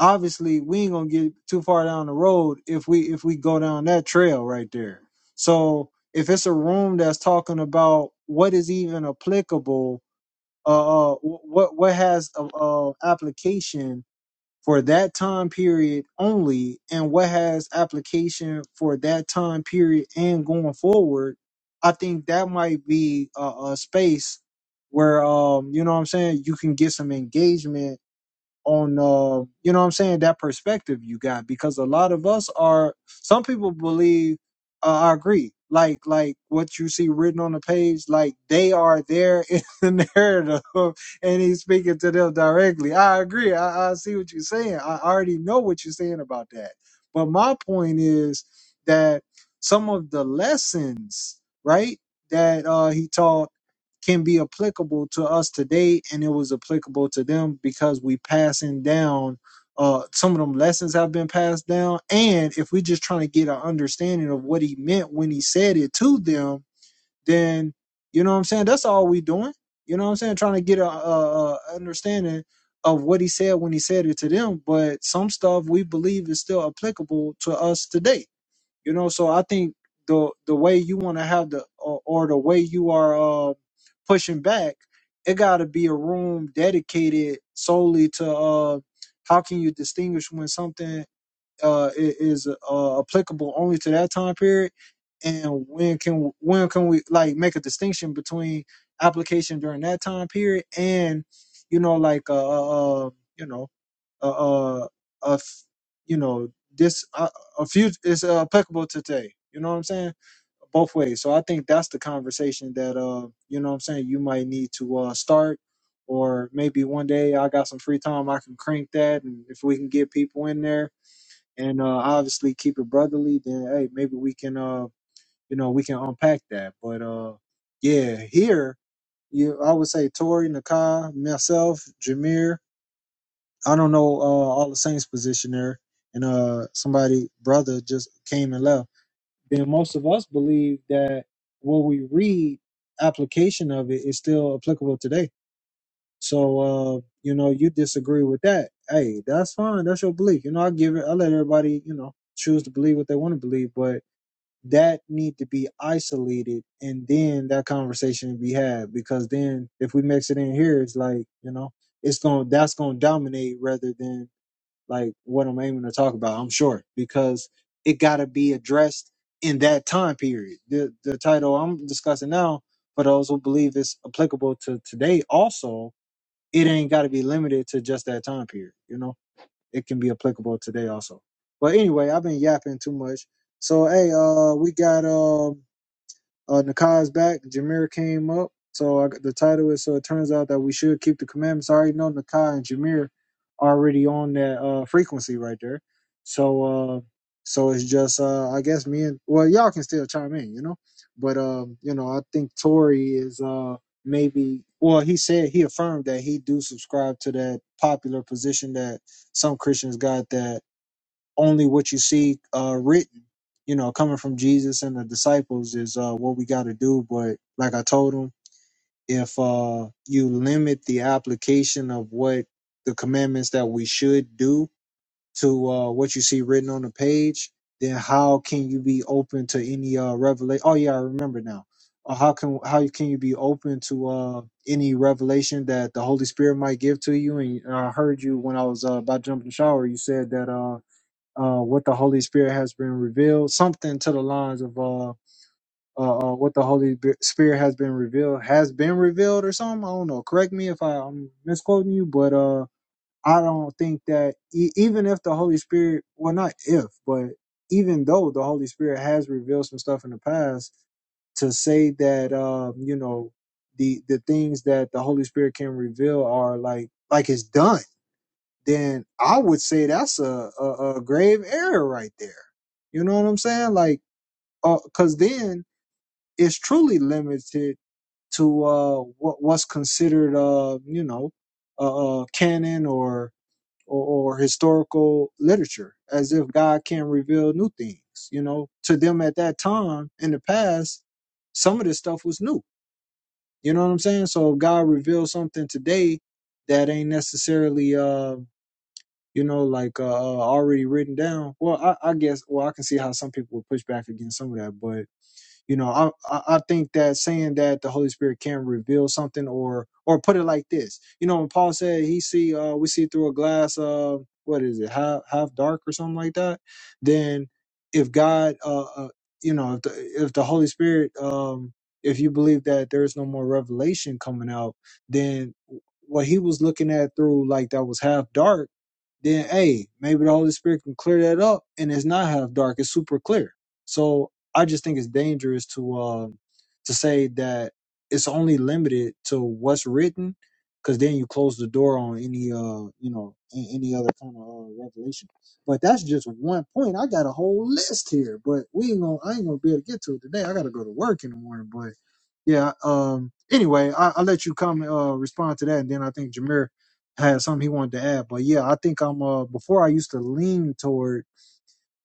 obviously we ain't gonna get too far down the road if we if we go down that trail right there. So if it's a room that's talking about what is even applicable, uh, uh wh- what what has uh, uh application for that time period only and what has application for that time period and going forward i think that might be a, a space where um you know what i'm saying you can get some engagement on uh you know what i'm saying that perspective you got because a lot of us are some people believe uh, i agree like like what you see written on the page like they are there in the narrative and he's speaking to them directly i agree i, I see what you're saying i already know what you're saying about that but my point is that some of the lessons right that uh he taught can be applicable to us today and it was applicable to them because we passing down uh, some of them lessons have been passed down and if we just trying to get an understanding of what he meant when he said it to them then you know what i'm saying that's all we doing you know what i'm saying trying to get a, a, a understanding of what he said when he said it to them but some stuff we believe is still applicable to us today you know, so I think the the way you want to have the or, or the way you are uh, pushing back, it got to be a room dedicated solely to uh, how can you distinguish when something uh, i- is uh, applicable only to that time period, and when can when can we like make a distinction between application during that time period and you know like uh, uh, uh, you know uh, uh, a f- you know this uh, a few is uh, applicable to today. You know what I'm saying? Both ways. So I think that's the conversation that uh you know what I'm saying you might need to uh start, or maybe one day I got some free time I can crank that, and if we can get people in there and uh obviously keep it brotherly, then hey maybe we can uh you know we can unpack that. But uh yeah here you I would say Tori, Nakai, myself, Jameer. I don't know uh, all the Saints position there, and uh, somebody brother just came and left. Then most of us believe that what we read, application of it is still applicable today. So uh, you know, you disagree with that. Hey, that's fine. That's your belief. You know, I give it. I let everybody you know choose to believe what they want to believe, but that need to be isolated and then that conversation be had because then if we mix it in here it's like you know it's going to that's going to dominate rather than like what I'm aiming to talk about, I'm sure, because it got to be addressed in that time period. The the title I'm discussing now, for those who believe it's applicable to today, also, it ain't got to be limited to just that time period. You know, it can be applicable today also. But anyway, I've been yapping too much. So hey, uh, we got um. Uh, Nakai's back. Jameer came up. So I, the title is so it turns out that we should keep the commandments. I already know Nakai and Jameer are already on that uh, frequency right there. So uh, so it's just uh, I guess me and well y'all can still chime in, you know. But um, you know I think Tory is uh, maybe well he said he affirmed that he do subscribe to that popular position that some Christians got that only what you see uh, written, you know, coming from Jesus and the disciples is uh, what we got to do. But like I told him, if uh, you limit the application of what the commandments that we should do to uh, what you see written on the page, then how can you be open to any uh, revelation? Oh yeah, I remember now. Uh, how can how can you be open to uh, any revelation that the Holy Spirit might give to you? And uh, I heard you when I was uh, about to jump in the shower. You said that. Uh, uh, what the Holy Spirit has been revealed, something to the lines of uh, uh, uh, what the Holy B- Spirit has been revealed has been revealed or something. I don't know. Correct me if I, I'm misquoting you, but uh, I don't think that e- even if the Holy Spirit, well, not if, but even though the Holy Spirit has revealed some stuff in the past, to say that um, you know the the things that the Holy Spirit can reveal are like like it's done then I would say that's a, a, a grave error right there. You know what I'm saying? Like, uh, cause then it's truly limited to, uh, what, what's considered, uh, you know, uh, uh canon or, or, or historical literature as if God can reveal new things, you know, to them at that time in the past, some of this stuff was new. You know what I'm saying? So if God reveals something today that ain't necessarily, uh, you know, like uh, uh, already written down. Well, I, I guess, well, I can see how some people would push back against some of that, but you know, I, I I think that saying that the Holy Spirit can reveal something, or or put it like this, you know, when Paul said he see, uh, we see through a glass of uh, what is it, half half dark or something like that, then if God, uh, uh you know, if the if the Holy Spirit, um, if you believe that there is no more revelation coming out, then what he was looking at through like that was half dark then hey, maybe the Holy Spirit can clear that up and it's not half dark, it's super clear. So I just think it's dangerous to um to say that it's only limited to what's written because then you close the door on any uh you know a- any other kind of uh, revelation but that's just one point i got a whole list here but we ain't gonna i ain't gonna be able to get to it today i gotta go to work in the morning but yeah um anyway I, i'll let you comment uh respond to that and then i think jameer had something he wanted to add. But yeah, I think I'm uh before I used to lean toward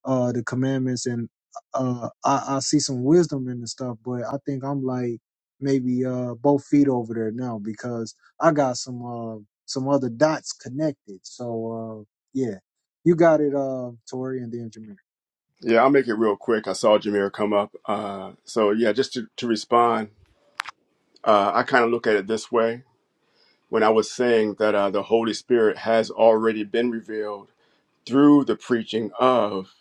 uh the commandments and uh I, I see some wisdom in the stuff, but I think I'm like maybe uh both feet over there now because I got some uh some other dots connected. So uh yeah. You got it uh Tori and then Jameer. Yeah, I'll make it real quick. I saw Jameer come up. Uh, so yeah, just to, to respond Uh, I kind of look at it this way when I was saying that uh, the Holy Spirit has already been revealed through the preaching of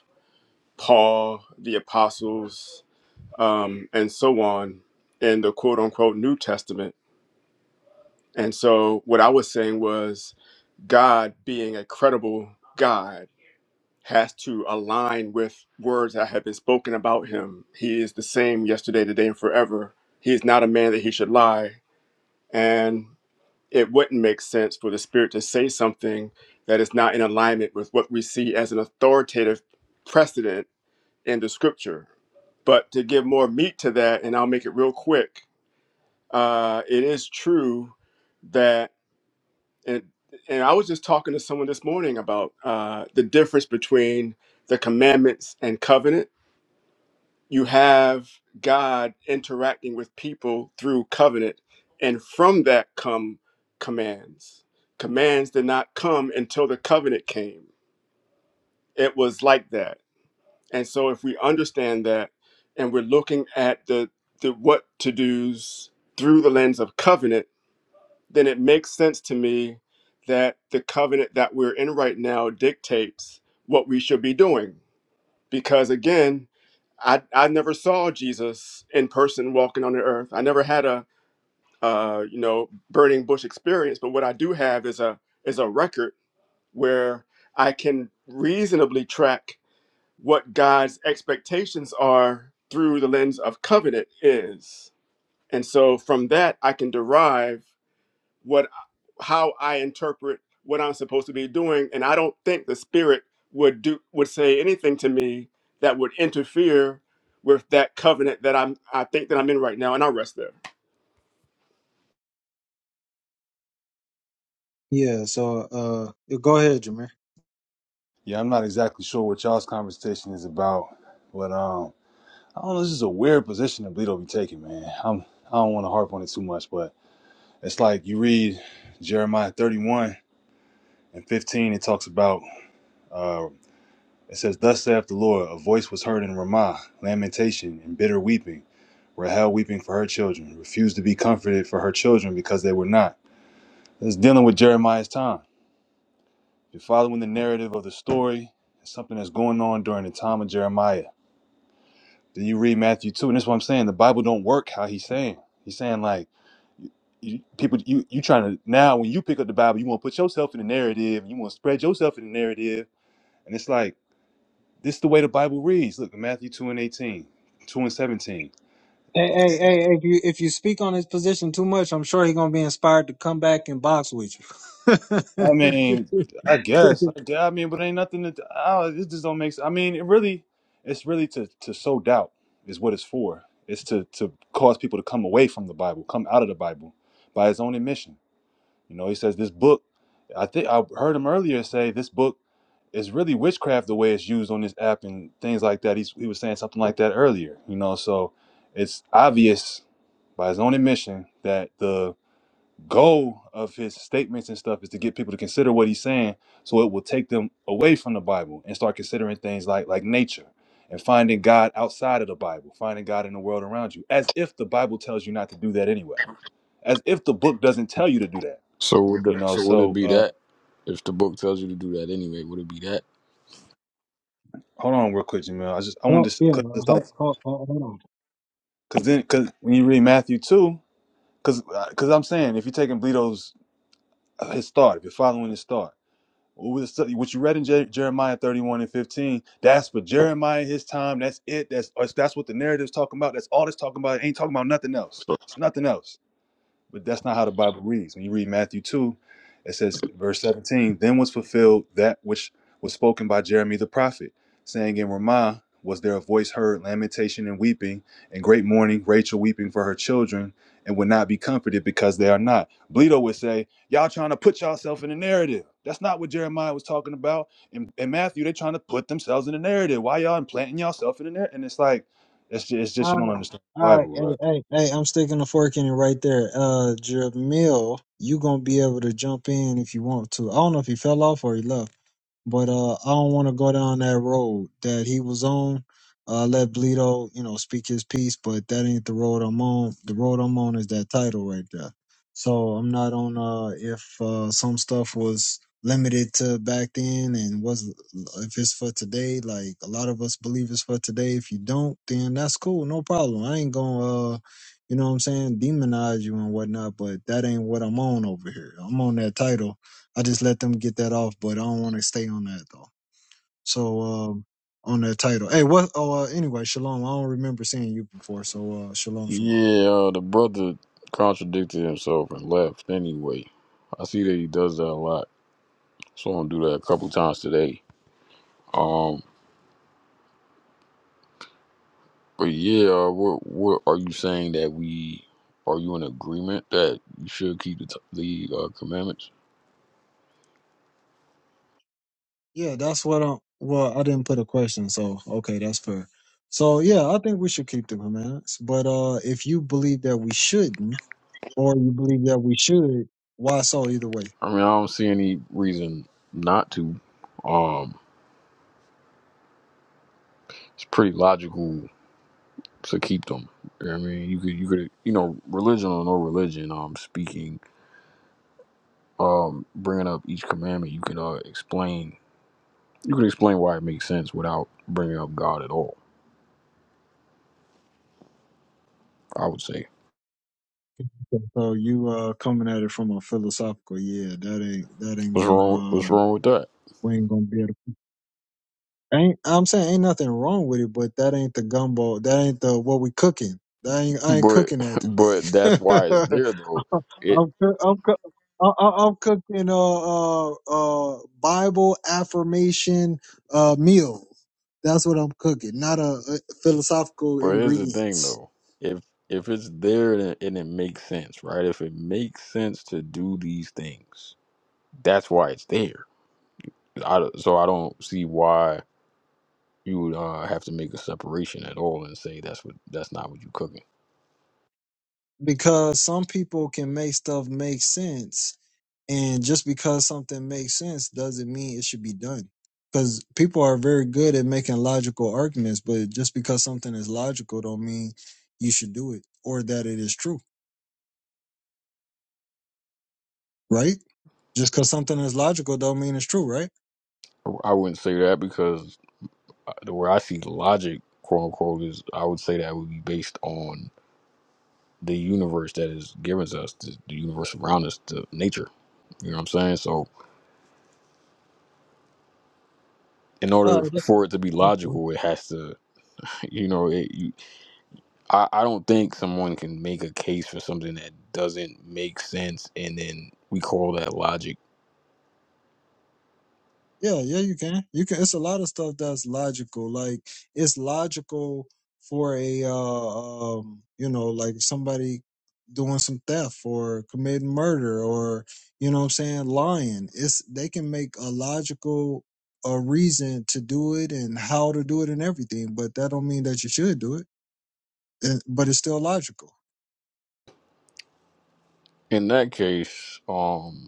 Paul, the apostles, um, and so on in the quote unquote New Testament. And so what I was saying was God being a credible God has to align with words that have been spoken about him. He is the same yesterday, today, and forever. He is not a man that he should lie. And it wouldn't make sense for the spirit to say something that is not in alignment with what we see as an authoritative precedent in the scripture. But to give more meat to that, and I'll make it real quick, uh, it is true that, and, and I was just talking to someone this morning about uh, the difference between the commandments and covenant you have God interacting with people through covenant, and from that come commands. Commands did not come until the covenant came. It was like that. And so if we understand that and we're looking at the, the what to do's through the lens of covenant, then it makes sense to me that the covenant that we're in right now dictates what we should be doing. Because again, I I never saw Jesus in person walking on the earth. I never had a uh, you know burning bush experience, but what I do have is a is a record where I can reasonably track what God's expectations are through the lens of covenant is. And so from that I can derive what how I interpret what I'm supposed to be doing, and I don't think the spirit would do would say anything to me that would interfere with that covenant that I'm I think that I'm in right now, and I rest there. Yeah, so uh yeah, go ahead, Jameer. Yeah, I'm not exactly sure what y'all's conversation is about, but um, I don't know. This is a weird position that Bleedo be taking, man. I'm I don't want to harp on it too much, but it's like you read Jeremiah 31 and 15. It talks about uh, it says, "Thus saith the Lord: A voice was heard in Ramah, lamentation and bitter weeping, Rahel weeping for her children, refused to be comforted for her children because they were not." It's dealing with Jeremiah's time. You're following the narrative of the story. It's something that's going on during the time of Jeremiah Then you read Matthew two, and that's what I'm saying. The Bible don't work how he's saying. He's saying like you, people, you you trying to now when you pick up the Bible, you want to put yourself in the narrative, you want to spread yourself in the narrative, and it's like this is the way the Bible reads. Look, Matthew two and eighteen, two and seventeen. Hey, hey, hey, if you if you speak on his position too much, I'm sure he's gonna be inspired to come back and box with you. I mean, I guess, I, gue- I mean, but ain't nothing that oh, this just don't make sense. I mean, it really, it's really to to sow doubt is what it's for. It's to to cause people to come away from the Bible, come out of the Bible by his own admission. You know, he says this book, I think I heard him earlier say this book is really witchcraft the way it's used on this app and things like that. He's, he was saying something like that earlier, you know, so it's obvious by his own admission that the goal of his statements and stuff is to get people to consider what he's saying so it will take them away from the Bible and start considering things like like nature and finding God outside of the Bible, finding God in the world around you, as if the Bible tells you not to do that anyway, as if the book doesn't tell you to do that So would you the, know so would it so be uh, that if the book tells you to do that anyway? Would it be that? Hold on, real quick, Jamil. I just I Oh wanted to yeah, because it's like hold, hold, hold, hold on. because then because when you read Matthew two, because because I'm saying if you're taking Bledo's uh, his thought, if you're following his thought, what was the study- what you read in Jer- Jeremiah 31 and 15, that's for Jeremiah his time. That's it. That's that's what the narrative's talking about. That's all it's talking about. It ain't talking about nothing else. So, It's nothing else. But that's not how the Bible reads. When you read Matthew 2, it says, verse 17, then was fulfilled that which was spoken by Jeremy the prophet, saying, In Ramah was there a voice heard, lamentation and weeping, and great mourning, Rachel weeping for her children, and would not be comforted because they are not. Bleedo would say, Y'all trying to put yourself in the narrative. That's not what Jeremiah was talking about. And, and Matthew, they trying to put themselves in the narrative. Why y'all implanting yourself in the narrative? And it's like, it's just, it's just All you don't right, understand the all right, Bible, bro. hey, hey, hey, I'm sticking a fork in it right there. Uh, Jamil, you gonna be able to jump in if you want to. I don't know if he fell off or he left, but uh, I don't want to go down that road that he was on. Uh, let Bleedo, you know, speak his piece, but that ain't the road I'm on. The road I'm on is that title right there. So I'm not on. Uh, if uh, some stuff was limited to back then and was If it's for today, like a lot of us believe it's for today. If you don't, then that's cool, no problem. I ain't gonna, uh, you know what I'm saying, demonize you and whatnot. But that ain't what I'm on over here. I'm on that title. I just let them get that off, but I don't want to stay on that though. So um, on that title, hey, what? Oh, uh, anyway, shalom. I don't remember seeing you before, so uh, shalom, shalom. yeah, uh, the brother contradicted himself and left anyway. I see that he does that a lot. So I'm gonna do that a couple times today. Um, but yeah, uh, what what are you saying that we are you in agreement that you should keep the t- the uh, commandments? Yeah, that's what I'm. Well, I didn't put a question, so okay, that's fair. So yeah, I think we should keep the commandments. But uh if you believe that we shouldn't, or you believe that we should, why so either way? I mean, I don't see any reason not to. Um, it's pretty logical So keep them. You know what I mean, you could, you could, you know, religion or no religion. Um, speaking, bringing up each commandment, you can uh, explain. You can explain why it makes sense without bringing up God at all. I would say, So you uh coming at it from a philosophical, yeah, that ain't that ain't what's gonna wrong? What's um wrong with that? we ain't gonna be able to ain't I'm saying ain't nothing wrong with it, but that ain't the gumbo, that ain't the what we cooking. That ain't I ain't But, cooking that but today. that's why it's there though. It. I'm coo- I'm coo- I- I- I'm cooking uh, uh uh Bible affirmation uh meal. That's what I'm cooking, not a, a philosophical But here's the thing ingredients. though. If if it's there and it, and it makes sense, right? If it makes sense to do these things, that's why it's there. I, so I don't see why you would uh, have to make a separation at all and say that's what that's not what you're cooking. because some people can make stuff make sense and just because something makes sense doesn't mean it should be done because people are very good at making logical arguments but just because something is logical don't mean you should do it or that it is true right just because something is logical don't mean it's true right I wouldn't say that because uh, where I see logic, quote unquote, is I would say that would be based on the universe that is given to us, the, the universe around us, the nature. You know what I'm saying? So in uh, order for it to be logical, it has to, you know, it, you, I, I don't think someone can make a case for something that doesn't make sense and then we call that logic. Yeah, yeah, you can. You can. It's a lot of stuff that's logical. Like it's logical for a, uh, um, you know, like somebody doing some theft or committing murder or, you know, what I'm saying lying. It's they can make a logical a reason to do it and how to do it and everything, but that don't mean that you should do it. And, but it's still logical. In that case, um,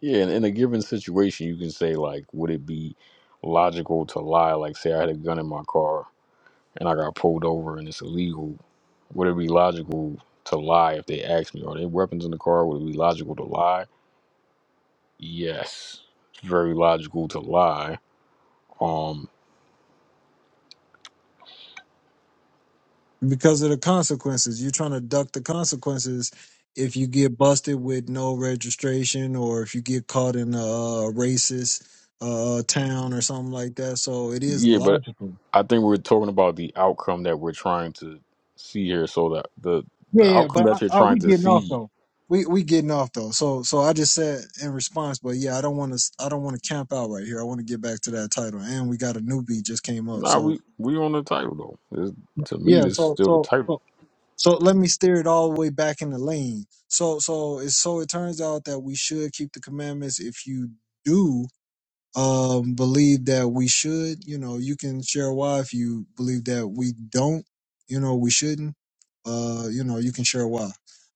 Yeah, in, in a given situation, you can say like, would it be logical to lie? Like, say I had a gun in my car and I got pulled over and it's illegal. Would it be logical to lie if they asked me, are there weapons in the car? Would it be logical to lie? Yes, it's very logical to lie. Um, because of the consequences. You're trying to duck the consequences if you get busted with no registration or if you get caught in a uh, racist uh, town or something like that. So it is yeah, but logical. I think we're talking about the outcome that we're trying to see here. So that the Yeah, the yeah, outcome but I, that you're I, trying we to getting off see, though. We we getting off though. So so I just said in response, but yeah, I don't want to I don't want to camp out right here. I want to get back to that title, and we got a newbie just came up. nah, So we we on the title though. It's, to me, yeah, this is so still the so title. so So let me steer it all the way back in the lane. So so it so it turns out that we should keep the commandments if you do um, believe that we should. You know, you can share why if you believe that we don't. You know, we shouldn't. Uh, you know, you can share why.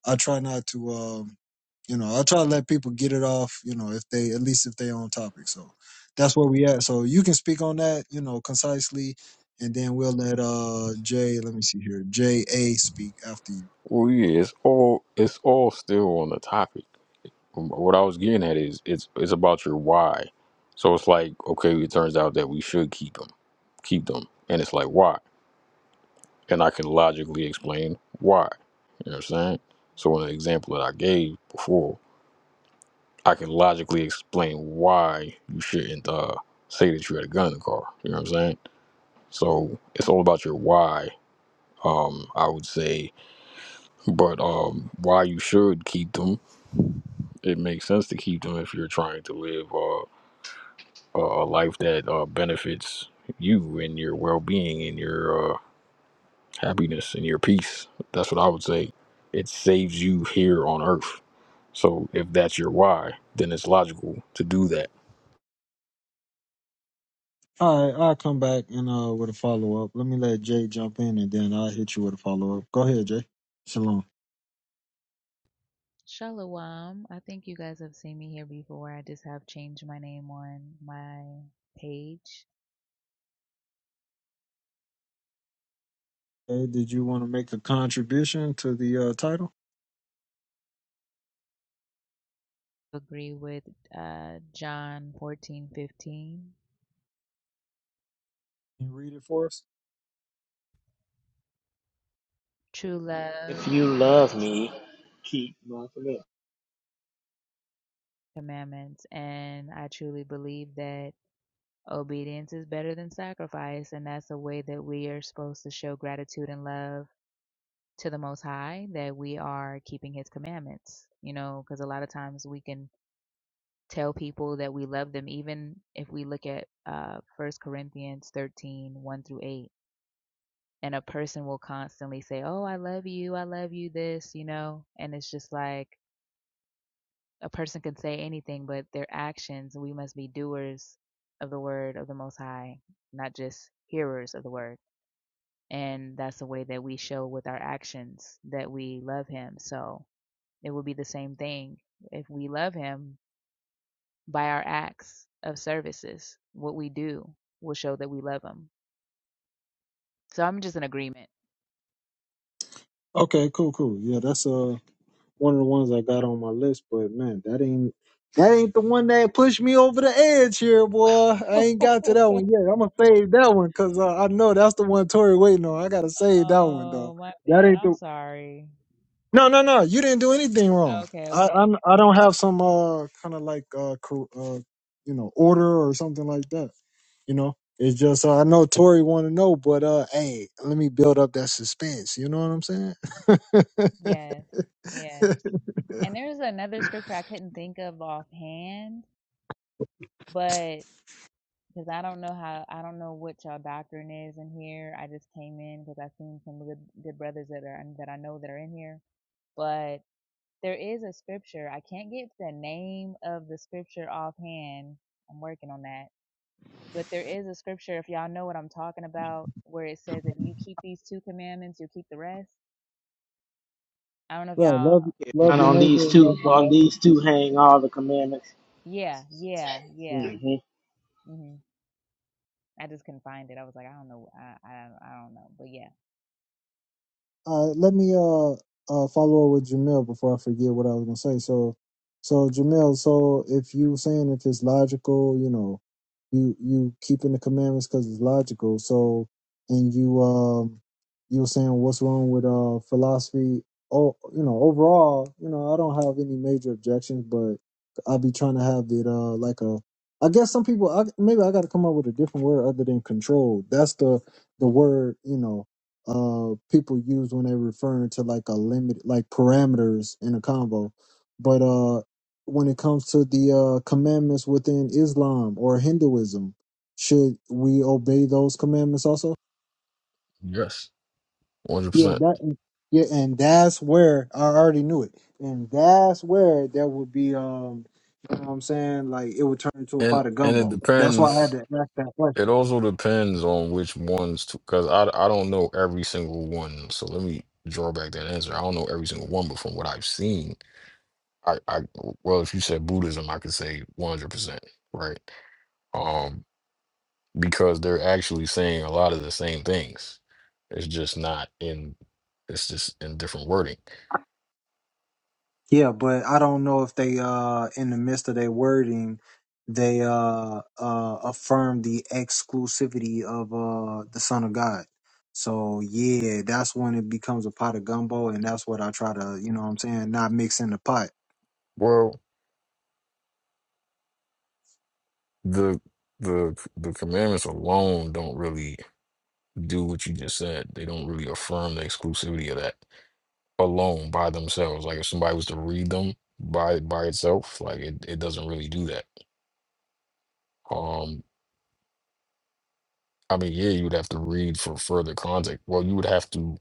I try not to. Um, you know, I try to let people get it off. You know, if they at least if they on topic. So that's where we at. So you can speak on that. You know, concisely, and then we'll let uh Jay. Let me see here. J A speak after you. Well, yeah, it's all it's all still on the topic. Um, What I was getting at is it's it's about your why. So it's like okay, it turns out that we should keep them, keep them, and it's like why, and I can logically explain why. You know what I'm saying? So in the example that I gave before, I can logically explain why you shouldn't uh, say that you had a gun in the car. You know what I'm saying? So it's all about your why. Um, I would say, but um, why you should keep them it makes sense to keep them if you're trying to live uh, a a life that uh, benefits you and your well-being and your uh, happiness and your peace. That's what I would say. It saves you here on Earth. So if that's your why, then it's logical to do that. All right, I'll come back and uh with a follow up. Let me let Jay jump in, and then I'll hit you with a follow up. Go ahead, Jay. Shalom. Shalom. I think you guys have seen me here before. I just have changed my name on my page. Hey, did you want to make a contribution to the uh, title Agree with uh, John fourteen fifteen. Can You read it for us? True If love, you love me, keep my commandments. commandments. And I truly believe that obedience is better than sacrifice. And that's a way that we are supposed to show gratitude and love to the Most High that we are keeping His commandments. You know, because a lot of times we can tell people that we love them even if we look at uh, 1 corinthians 13 one through 8 and a person will constantly say oh i love you i love you this you know and it's just like a person can say anything but their actions we must be doers of the word of the most high not just hearers of the word and that's the way that we show with our actions that we love him so it will be the same thing if we love him by our acts of services, what we do will show that we love him. So I'm just in agreement. Okay, cool, cool. Yeah, that's uh one of the ones I got on my list, but man, that ain't that ain't the one that pushed me over the edge here, boy. I ain't got to that one yet. I'm gonna save that one because uh, I know that's the one Tori waiting on. I gotta save that one though. Oh, my That bad. ain't I'm the sorry. no, no, no. You didn't do anything wrong. Okay, I okay. I'm, I don't have some uh kind of like uh, cor- uh you know order or something like that. You know, it's just uh, I know Tori want to know, but uh, hey, let me build up that suspense. You know what I'm saying? Yes, right. yes. And there's another scripture I couldn't think of offhand, but because I don't know how, I don't know what y'all doctrine is in here. I just came in because I've seen some good, good brothers that are that I know that are in here. But there is a scripture. I can't get the name of the scripture offhand. I'm working on that. But there is a scripture, if y'all know what I'm talking about, where it says, if you keep these two commandments, you'll keep the rest. I don't know if y'all, Love, love And your on neighbor, these and love two, on God. these two, hang all the commandments. yeah, yeah, yeah. hmm hmm I just couldn't find it. I was like, I don't know. I, I, I don't know. But yeah. Uh, let me uh, uh follow up with Jamil before I forget what I was gonna say. So, so Jamil, so if you saying if it's logical, you know, you you keeping the commandments because it's logical. So, and you um, you were saying what's wrong with uh philosophy? Oh, you know, overall, you know, I don't have any major objections, but I'll be trying to have it uh like a. I guess some people, I, maybe I got to come up with a different word other than control. That's the the word, you know uh people use when they're referring to like a limit like parameters in a combo but uh when it comes to the uh commandments within islam or hinduism should we obey those commandments also Yes, one hundred yeah percent. that yeah and that's where i already knew it and that's where there would be um you know what i'm saying like it would turn into a And pot of and it gumbo that's why i had depends. to ask that question It also depends on which ones, because I I don't know every single one. So let me draw back that answer. I don't know every single one, but from what I've seen, I, I well, if you said Buddhism, I could say 100%, right? Um, because they're actually saying a lot of the same things. It's just not in, it's just in different wording. Yeah, but I don't know if they uh in the midst of their wording they uh uh affirm the exclusivity of uh the Son of God. So yeah, that's when it becomes a pot of gumbo and that's what I try to, you know what I'm saying, not mix in the pot. Well, the the the commandments alone don't really do what you just said. They don't really affirm the exclusivity of that alone by themselves. Like if somebody was to read them by by itself, like it, it doesn't really do that. Um, I mean, yeah, you would have to read for further context. Well, you would have to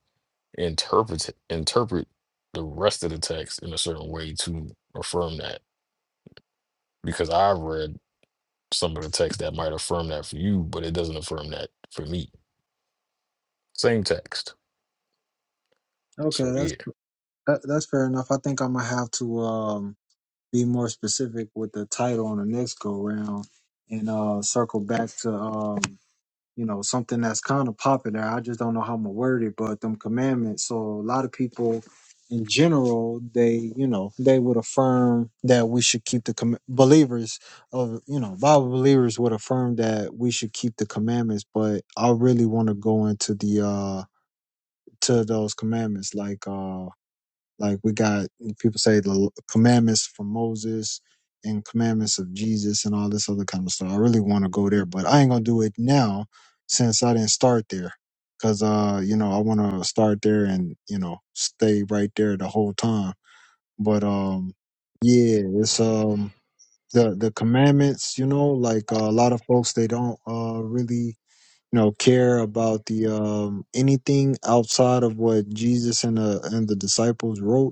interpret interpret the rest of the text in a certain way to affirm that because I've read some of the text that might affirm that for you, but it doesn't affirm that for me. Same text. Okay, So that's yeah. that, that's fair enough. I think I'm gonna have to um be more specific with the title on the next go round and uh circle back to um you know, something that's kind of popular. I just don't know how I'm gonna word it, but them commandments. So a lot of people in general, they, you know, they would affirm that we should keep the com- believers of, you know, Bible believers would affirm that we should keep the commandments, but I really want to go into the, uh, to those commandments. Like, uh, like we got people say the commandments from Moses and commandments of Jesus and all this other kind of stuff. I really want to go there, but I ain't gonna do it now since I didn't start there. Cause uh, you know, I wanna start there and, you know, stay right there the whole time. But um yeah, it's um the the commandments, you know, like uh, a lot of folks they don't uh really you know care about the um anything outside of what Jesus and the and the disciples wrote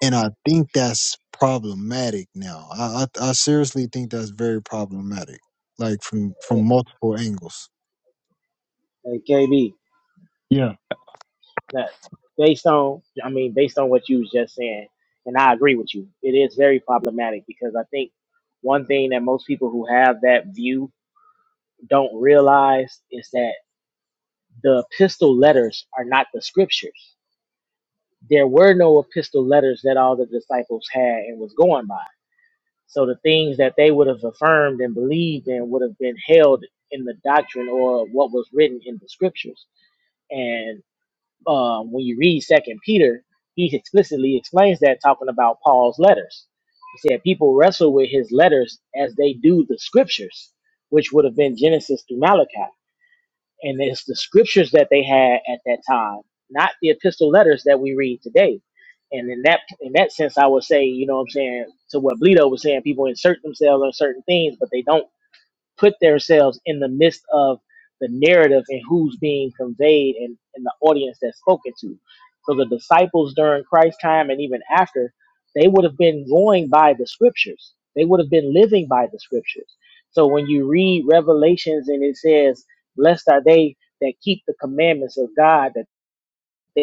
and I think that's problematic now. I, I I seriously think that's very problematic, like from from multiple angles. Hey, KB. Yeah. that based on I mean based on what you was just saying, and I agree with you. It is very problematic because I think one thing that most people who have that view don't realize is that the epistle letters are not the scriptures. There were no epistle letters that all the disciples had and was going by. So the things that they would have affirmed and believed in would have been held in the doctrine or what was written in the scriptures. and um, when you read Second Peter, he explicitly explains that talking about Paul's letters. He said people wrestle with his letters as they do the scriptures, which would have been Genesis through Malachi, and it's the scriptures that they had at that time, not the epistle letters that we read today. And in that in that sense, I would say, you know, what I'm saying to what Bleedo was saying, people insert themselves on certain things, but they don't put themselves in the midst of the narrative and who's being conveyed and, and the audience that's spoken to. So the disciples during Christ's time and even after, they would have been going by the scriptures. They would have been living by the scriptures. So when you read Revelations and it says, Blessed are they that keep the commandments of God, that they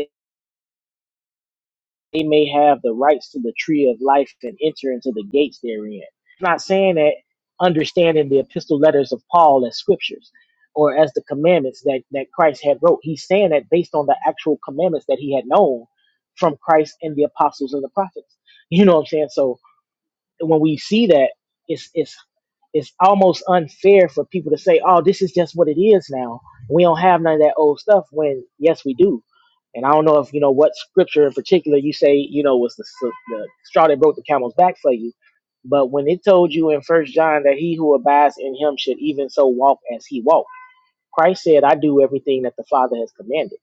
they may have the rights to the tree of life and enter into the gates therein. I'm not saying that understanding the epistle letters of Paul as scriptures or as the commandments that, that Christ had wrote. He's saying that based on the actual commandments that he had known from Christ and the apostles and the prophets. You know what I'm saying? So when we see that, it's it's it's almost unfair for people to say, "Oh, this is just what it is now. We don't have none of that old stuff." When yes, we do. And I don't know if you know what scripture in particular you say you know was the, the straw that broke the camel's back for you, but when it told you in First John that he who abides in him should even so walk as he walked, Christ said, "I do everything that the Father has commanded."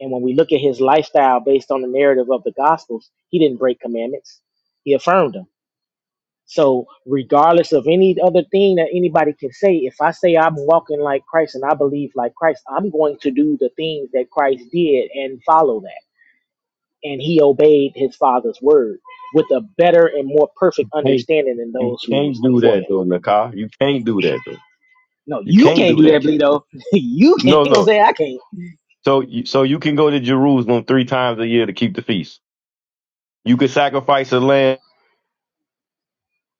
And when we look at his lifestyle based on the narrative of the Gospels, he didn't break commandments; he affirmed them so, regardless of any other thing that anybody can say, if I say I'm walking like Christ and I believe like Christ, I'm going to do the things that Christ did and follow that. And he obeyed his father's word with a better and more perfect Hey, understanding than you those who was can't do before that him. though, Nakar. You can't do that though. No, You you can't can't do do that. that, Bleedo. you can't. No, Ain't gonna no. say I can't. So you so you can go to Jerusalem three times a year to keep the feast. You could sacrifice a lamb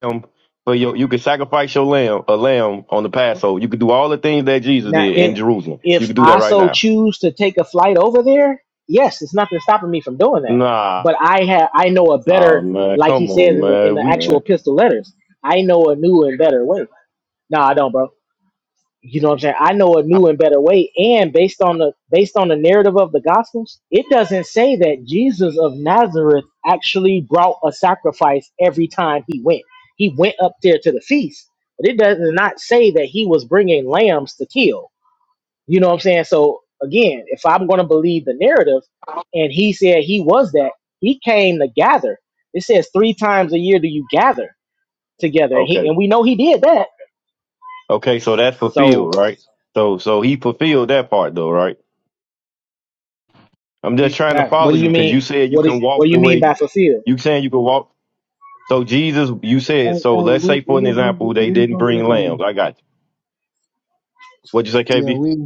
lamb for your you could sacrifice your lamb a lamb on the Passover. You could do all the things that Jesus Now, did if in Jerusalem. You if could do that I right so now. choose to take a flight over there, yes, it's nothing stopping me from doing that. Nah, But I have I know a oh, better, man, like he come says on, in the in man. the We actual man. pistol letters, I know a new and better way. No, I don't, bro. You know what I'm saying? I know a new and better way, and based on the based on the narrative of the Gospels, it doesn't say that Jesus of Nazareth actually brought a sacrifice every time he went. He went up there to the feast, but it does not say that he was bringing lambs to kill you know what I'm saying? So again, if I'm going to believe the narrative, and he said he was that, he came to gather. It says three times a year do you gather together, and he okay, and we know he did that. okay. So that's So fulfilled, right? So so he fulfilled that part though, right? I'm just you trying to got what follow do you you because you mean? said you What is can what walk do the you mean by way fulfilled? you saying you can walk. So Jesus, you Hey, said hey, so. Let's we say for we an ain't gonna example, get they we ain't didn't gonna bring get lambs. nowhere. I got you. What'd you say, Yeah, KB? we.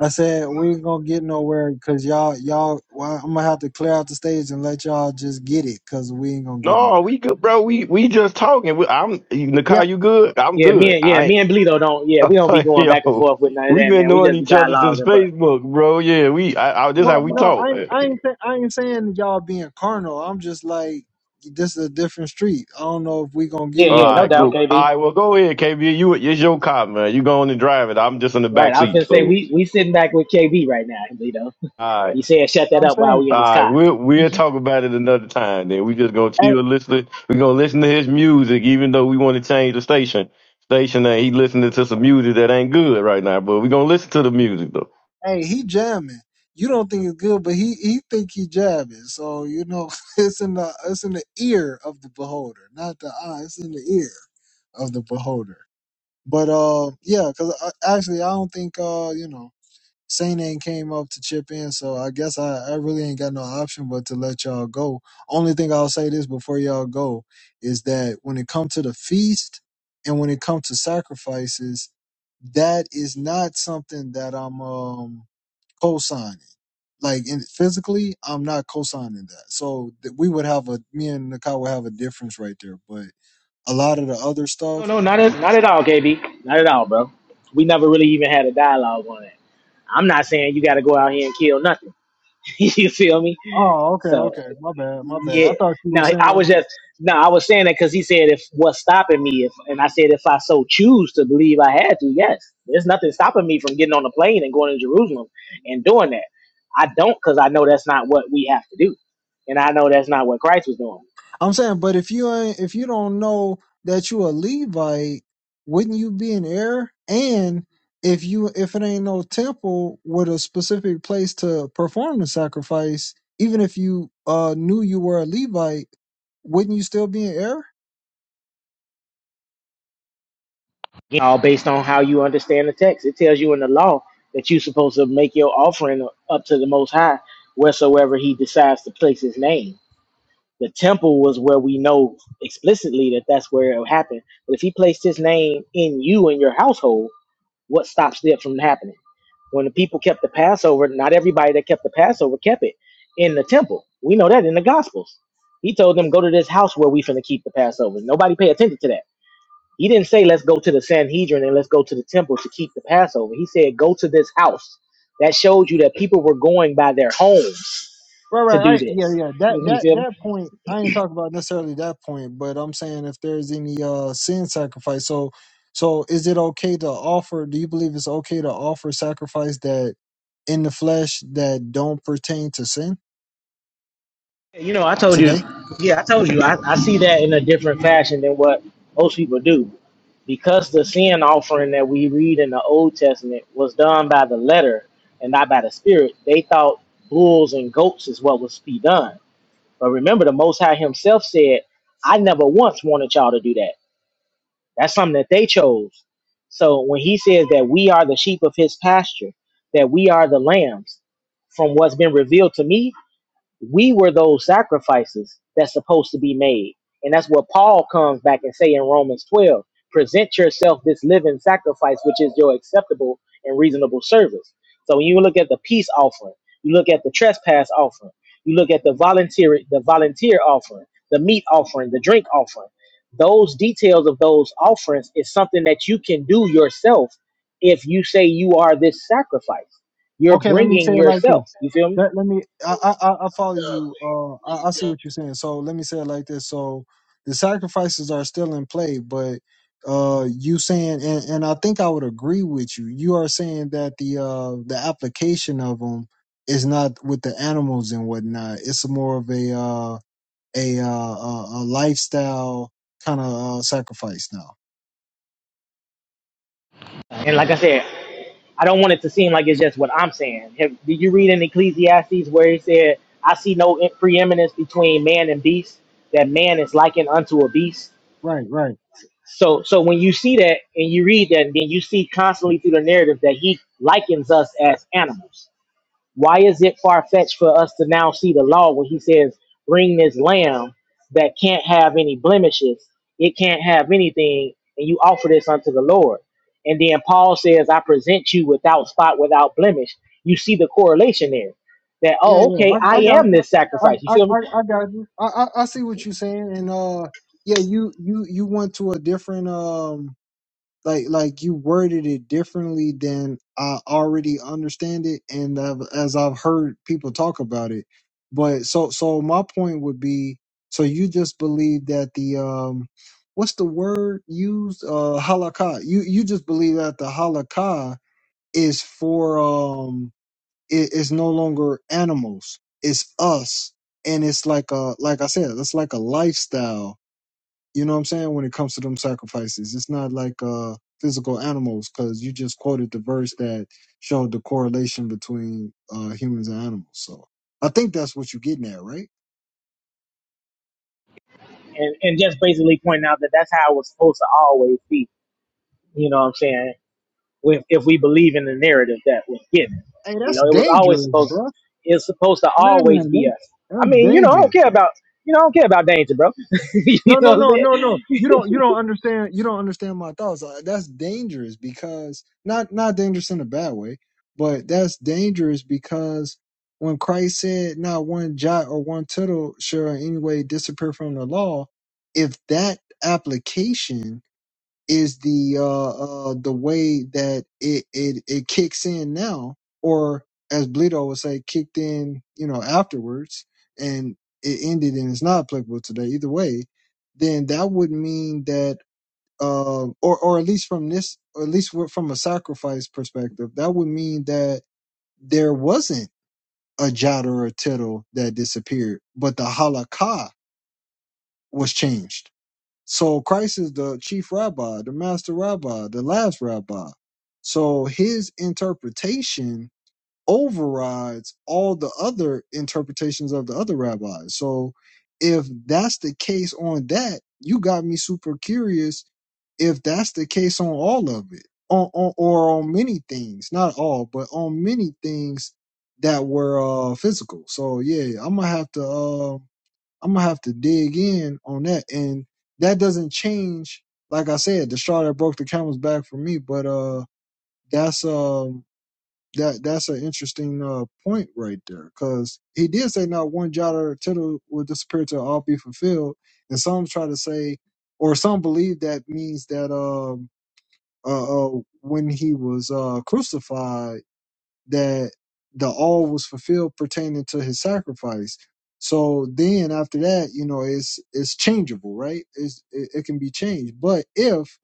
I said we ain't gonna get nowhere because y'all y'all. Well, I'm gonna have to clear out the stage and let y'all just get it because we ain't gonna get No, nowhere. we good, bro. We we just talking. We, I'm Yeah. Nikai. You good? I'm Yeah, me good. and yeah, I me ain't. and Bleedo don't yeah, I'm we don't be like, going back and yo, forth with none of we've that, been man. We knowing just be each other since dialoguing, but, Facebook, bro. Yeah, we. I, I this how Well, we but no, I talk. ain't- All I ain't say- I ain't saying y'all being carnal. I'm just like this is a different street. I don't know if we gonna get yeah, yeah, anywhere, no right, but doubt, cool. KB. All right, well, go ahead, KB. You it's your car, man. You go on and drive it. I'm just in the Right, back I was seat. gonna say So, we we sitting back with KB right now, Bleedo. all right, He said shut that I'm up while saying. we all in this right. car. We'll we'll talk about it another time. Then we just gonna chill, listen. We gonna listen to his music, even though we want to change the station. Station that he listening to some music that ain't good right now, but we gonna listen to the music though. Hey, he jamming. You don't think it's good, but he he think he jabbing. So you know, it's in the it's in the ear of the beholder, not the eye. It's in the ear of the beholder. But uh, yeah, because actually, I don't think uh, you know, Saint ain't came up to chip in. So I guess I I really ain't got no option but to let y'all go. Only thing I'll say this before y'all go is that when it comes to the feast and when it comes to sacrifices, that is not something that I'm um co-signing. Like in, physically, I'm not co-signing that. So th- we would have a me and Nakai would have a difference right there. But a lot of the other No, stuff. no, not at, not at all, KB. Not at all, bro. We never really even had a dialogue on it. I'm not saying you got to go out here and kill nothing. you feel me? Oh, okay, So, okay. My bad, my bad. I yeah. thought you were Now, I was saying. just, no, I was saying that because he said, if what's stopping me, if, and I said, if I so choose to believe I had to, yes, there's nothing stopping me from getting on a plane and going to Jerusalem and doing that. I don't because I know that's not what we have to do. And I know that's not what Christ was doing. I'm saying, but if you ain't, if you don't know that you a Levite, wouldn't you be an heir? And if you if it ain't no temple with a specific place to perform the sacrifice, even if you uh knew you were a Levite, wouldn't you still be an heir? Again, all based on how you understand the text. It tells you in the law that you're supposed to make your offering up to the Most High wheresoever He decides to place His name. The temple was where we know explicitly that that's where it happened. But if He placed His name in you and your household, what stops that from happening? When the people kept the Passover, not everybody that kept the Passover kept it in the temple. We know that in the Gospels. He told them, "Go to this house where we finna keep the Passover." Nobody pay attention to that he didn't say, let's go to the Sanhedrin and let's go to the temple to keep the Passover. He said, go to this house. That showed you that people were going by their homes Right, to right. do I, this. yeah, yeah. That You that feel me? that point, I ain't talking about necessarily that point, but I'm saying if there's any uh sin sacrifice. So, so is it okay to offer? Do you believe it's okay to offer sacrifice that in the flesh that don't pertain to sin You know, I told you, today? yeah, I told you, I, I see that in a different fashion than what most people do. Because the sin offering that we read in the Old Testament was done by the letter and not by the spirit, they thought bulls and goats is what was to be done. But remember, the Most High Himself said, I never once wanted y'all to do that. That's something that they chose. So when he says that we are the sheep of his pasture, that we are the lambs from what's been revealed to me, we were those sacrifices that's supposed to be made. And that's what Paul comes back and say in Romans 12. Present yourself this living sacrifice, which is your acceptable and reasonable service. So when you look at the peace offering, you look at the trespass offering, you look at the volunteer the volunteer offering, the meat offering, the drink offering. Those details of those offerings is something that you can do yourself if you say you are this sacrifice. You're Okay, let me say bringing it like this. yourself. You feel me? Let, let me. I, I I I follow you. Uh, I, I see what you're saying. So let me say it like this. So the sacrifices are still in play, but uh, you saying, and, and I think I would agree with you. You are saying that the uh the application of them is not with the animals and whatnot. It's more of a uh a uh a, a lifestyle kind of uh, sacrifice now. And like I said, I don't want it to seem like it's just what I'm saying. Have, did you read in Ecclesiastes where he said, "I see no preeminence between man and beast; that man is likened unto a beast." Right, right. So, so when you see that and you read that, then you see constantly through the narrative that he likens us as animals. Why is it far fetched for us to now see the law when he says, bring this lamb that can't have any blemishes, it can't have anything, and you offer this unto the Lord? And then Paul says, I present you without spot, without blemish. You see the correlation there that, Yeah, oh, yeah, okay, I, I I got am you. this I, sacrifice. You I, feel I, me? I got you. I, I, I see what you're saying, and uh, yeah, you, you, you went to a different um, like, like you worded it differently than I already understand it, and i as I've heard people talk about it. But so, so my point would be, so you just believe that the um, what's the word used? Uh, halakha. You, you just believe that the halakha is for um it is no longer animals it's us and it's like a like i said it's like a lifestyle you know what i'm saying when it comes to them sacrifices it's not like uh physical animals because you just quoted the verse that showed the correlation between uh humans and animals so i think that's what you're getting at right And, and just basically pointing out that that's how it was supposed to always be. You know what I'm saying? if, if we believe in the narrative that was given. hey You that's know, it was always dangerous supposed bro it's supposed to man always be that, us. I that's mean, you know, I dangerous don't care about you know, I don't care about danger, bro. you No, no, know what I'm no, no, no. saying? You don't you don't understand you don't understand my thoughts. Uh, That's dangerous because not not dangerous in a bad way, but that's dangerous because when Christ said not one jot or one tittle shall in any way disappear from the law, if that application is the uh, uh the way that it, it it kicks in now, or as Bleedo would say, kicked in, you know, afterwards, and it ended and it's not applicable today. Either way, then that would mean that, um, or or at least from this, or at least from a sacrifice perspective, that would mean that there wasn't a jot or a tittle that disappeared, but the halakha was changed so Christ is the chief rabbi, the master rabbi, the last rabbi. So his interpretation overrides all the other interpretations of the other rabbis. So if that's the case on that, you got me super curious if that's the case on all of it, on, on or on many things, not all, but on many things that were uh, physical. So yeah, I'm gonna have to. Um, I'm gonna have to dig in on that. And that doesn't change, like I said, the straw that broke the camel's back for me. But uh that's um that that's an interesting uh point right there. Cause he did say not one jot or tittle will disappear to all be fulfilled. And some try to say or some believe that means that um uh, uh when he was uh crucified that the all was fulfilled pertaining to his sacrifice. So then after that, you know, it's it's changeable, right? It's, it, it can be changed. But if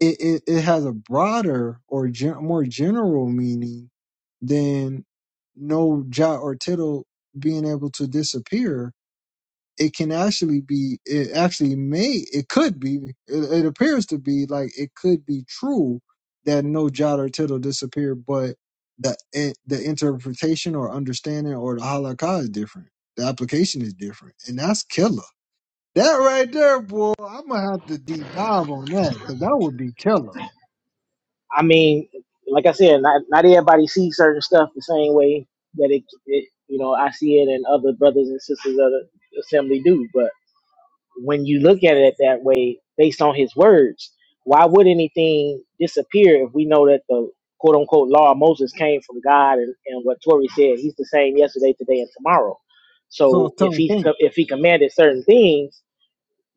it, it, it has a broader or gen- more general meaning, then no jot or tittle being able to disappear it can actually be it actually may it could be it, it appears to be like it could be true that no jot or tittle disappeared but the it, the interpretation or understanding or the halakha is different the application is different and that's killer that right there boy i'm gonna have to deep dive on that because that would be killer I mean, like I said, not not everybody sees certain stuff the same way that it, it you know I see it and other brothers and sisters of the assembly do. but. when you look at it that way, based on his words, why would anything disappear if we know that the quote unquote law of Moses came from God and, and what Tori said, he's the same yesterday, today, and tomorrow. so i was So if telling he Saint. co- if he commanded certain things,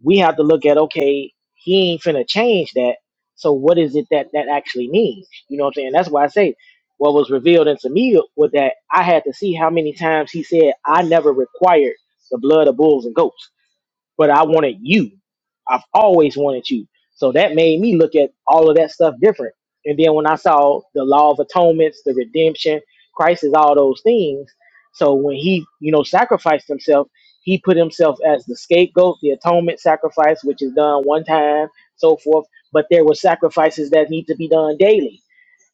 we have to look at okay, he ain't finna change that. So what is it that that actually means? You know what I'm saying? That's why I say what was revealed unto me was that I had to see how many times he said, "I never required the blood of bulls and goats." but I wanted you. I've always wanted you. So that made me look at all of that stuff different. And then when I saw the law of atonements, the redemption, Christ is all those things. So when he, you know, sacrificed himself, he put himself as the scapegoat, the atonement sacrifice, which is done one time, so forth. But there were sacrifices that need to be done daily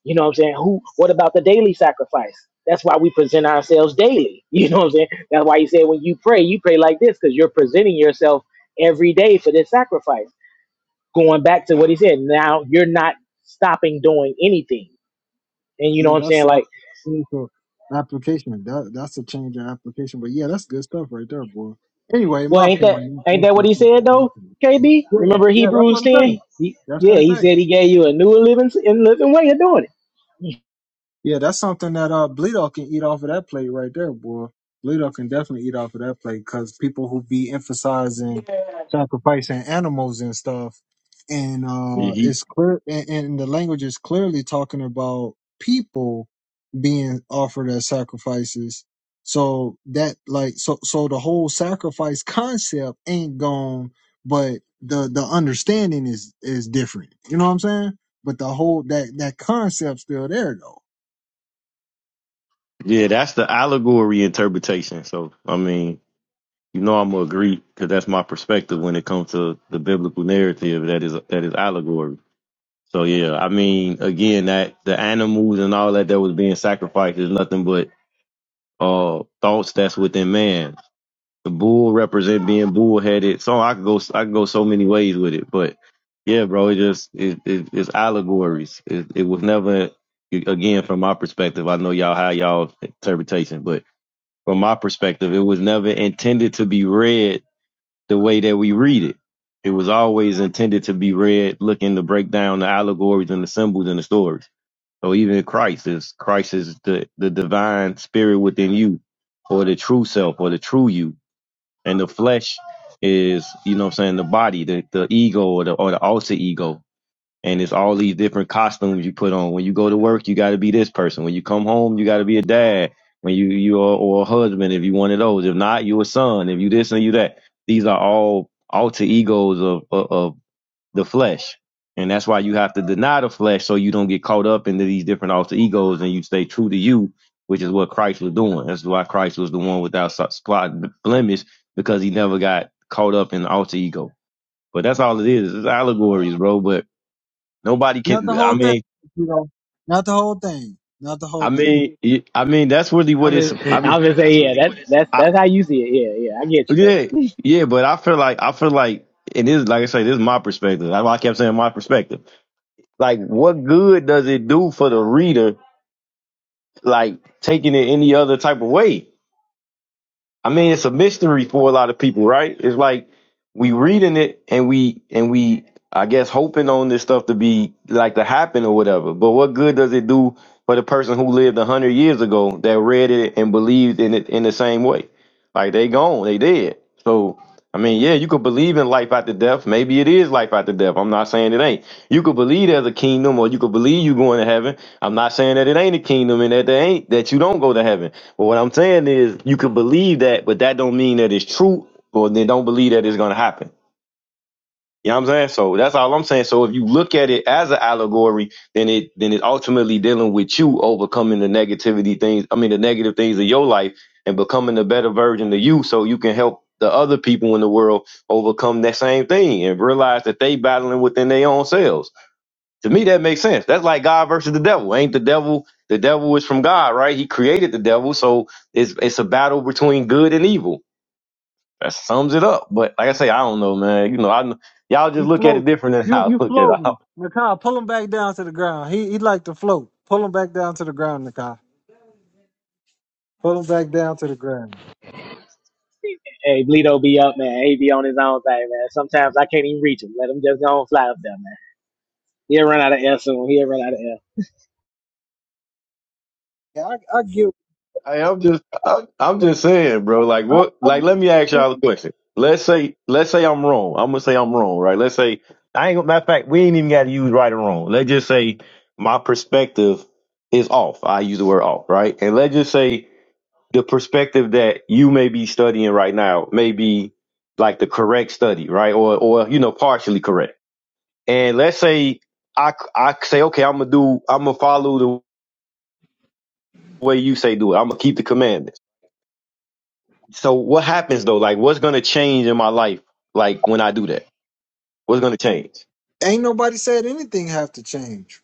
you know what I'm saying? Who what about the daily sacrifice? That's why we present ourselves daily. You know what I'm saying? That's why you say when you pray, you pray like this because you're presenting yourself every day for this sacrifice. Going back to what he said, now you're not stopping doing anything. And you know Yeah, what I'm that's saying? a Like, so application. That that's a change of application. But yeah, that's good stuff right there, boy. Anyway, in well, my ain't that opinion, ain't that's that what that's he good stuff. said in my though? opinion. KB, Yeah, remember yeah, that's Hebrews what it say. 10? He, That's yeah, what it he say. said he gave you a new living and living way of doing it. Yeah, that's something that uh Bleedo can eat off of that plate right there, boy. Bleedo can definitely eat off of that plate because people who be emphasizing sacrificing animals and stuff, and He. uh he it's clear, and, and the language is clearly talking about people being offered as sacrifices. So that like so so the whole sacrifice concept ain't gone, but the the understanding is is different. You know what I'm saying? But the whole that that concept still there though Yeah, that's the allegory interpretation. So, I mean, you know, I'm gonna agree because that's my perspective when it comes to the biblical narrative that is that is allegory. So, yeah, I mean, again, that the animals and all that that was being sacrificed is nothing but uh thoughts that's within man. The bull represent being bullheaded. So I could go I could go so many ways with it, but yeah, bro, it just it, it it's allegories. It, it was never again from my perspective. I know y'all how y'all interpretation, but from my perspective. It was never intended to be read the way that we read it. It was always intended to be read looking to break down the allegories and the symbols and the stories. So even Christ is Christ is the, the divine spirit within you or the true self or the true you. And the flesh is, you know what I'm saying, the body, the, the ego or the or the alter ego and it's all these different costumes you put on. When you go to work, you got to be this person. When you come home, you got to be a dad. When you you are or a husband, if you one of those. If not, you a son. If you this and you that. These are all alter egos of, of of the flesh, and that's why you have to deny the flesh so you don't get caught up into these different alter egos and you stay true to you, which is what Christ was doing. That's why Christ was the one without so- spot blemish because he never got caught up in the alter ego. But that's all it is. It's allegories, bro. But Nobody Not the can. I whole thing, mean, you know. Not the whole thing. Not the whole I thing. mean, y- I mean. That's really I'm what it's. I just, mean, I'm just saying, yeah, that's that's I, that's how you see it. Yeah, yeah, I get you though. yeah, yeah. But I feel like I feel like it is. Like I say, this is my perspective. That's why I kept saying my perspective. Like, what good does it do for the reader? Like taking it any other type of way. I mean, it's a mystery for a lot of people, right? It's like we reading it and we and we, I guess, hoping on this stuff to be like to happen or whatever. But what good does it do for the person who lived a hundred years ago that read it and believed in it in the same way? Like they gone, they dead. So I mean, yeah, you could believe in life after death. Maybe it is life after death. I'm not saying it ain't. You could believe there's a kingdom, or you could believe you going to heaven. I'm not saying that it ain't a kingdom and that they ain't that you don't go to heaven. But what I'm saying is you can believe that, but that don't mean that it's true, or then don't believe that it's gonna happen. You know what I'm saying? So that's all I'm saying. So if you look at it as an allegory, then it then it ultimately dealing with you overcoming the negativity things, I mean the negative things of your life and becoming a better version of you so you can help the other people in the world overcome that same thing and realize that they battling within their own selves. To me, that makes sense. That's like God versus the devil. Ain't the devil? The devil is from God, right? He created the devil, so it's it's a battle between good and evil. That sums it up. But like I say, I don't know, man. You know, I y'all just You look at it floating. different than You how you I look at it. floating. Nakai, pull him back down to the ground. He he like to float. Pull him back down to the ground, Nakai. Pull him back down to the ground. Hey, Bleedo be up, man. He be on his own thing, man. Sometimes I can't even reach him. Let him just go and fly up there, man. He'll run out of air soon. He'll run out of air. Yeah, I, I get. I, I'm just I'm, I'm just saying, bro. Like I, what? I, Like let me ask get- y'all a question. Let's say let's say I'm wrong. I'm gonna say I'm wrong, right? Let's say I ain't. gonna Matter of fact, we ain't even got to use right or wrong. Let's just say my perspective is off. I use the word off, right? And let's just say the perspective that you may be studying right now may be like the correct study, right? Or, or, you know, partially correct. And let's say I, I say, okay, I'm going to do, I'm going to follow the way you say do it. I'm going to keep the commandments. So what happens though? Like what's going to change in my life? Like when I do that, what's going to change? ain't nobody said anything have to change.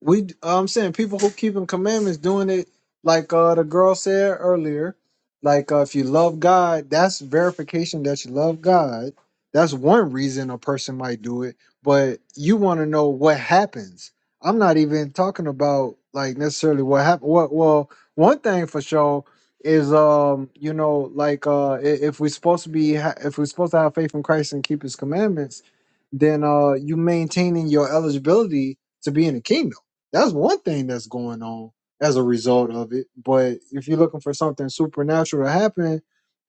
We, I'm saying people who keeping commandments doing it like uh, the girl said earlier. Like uh, if you love God, that's verification that you love God. That's one reason a person might do it. But you want to know what happens. I'm not even talking about like necessarily what happened. What well, one thing for sure is um you know like uh i- if we're supposed to be ha- if we're supposed to have faith in Christ and keep His commandments, then uh you maintaining your eligibility to be in the kingdom that's one thing that's going on as a result of it. But if you're looking for something supernatural to happen,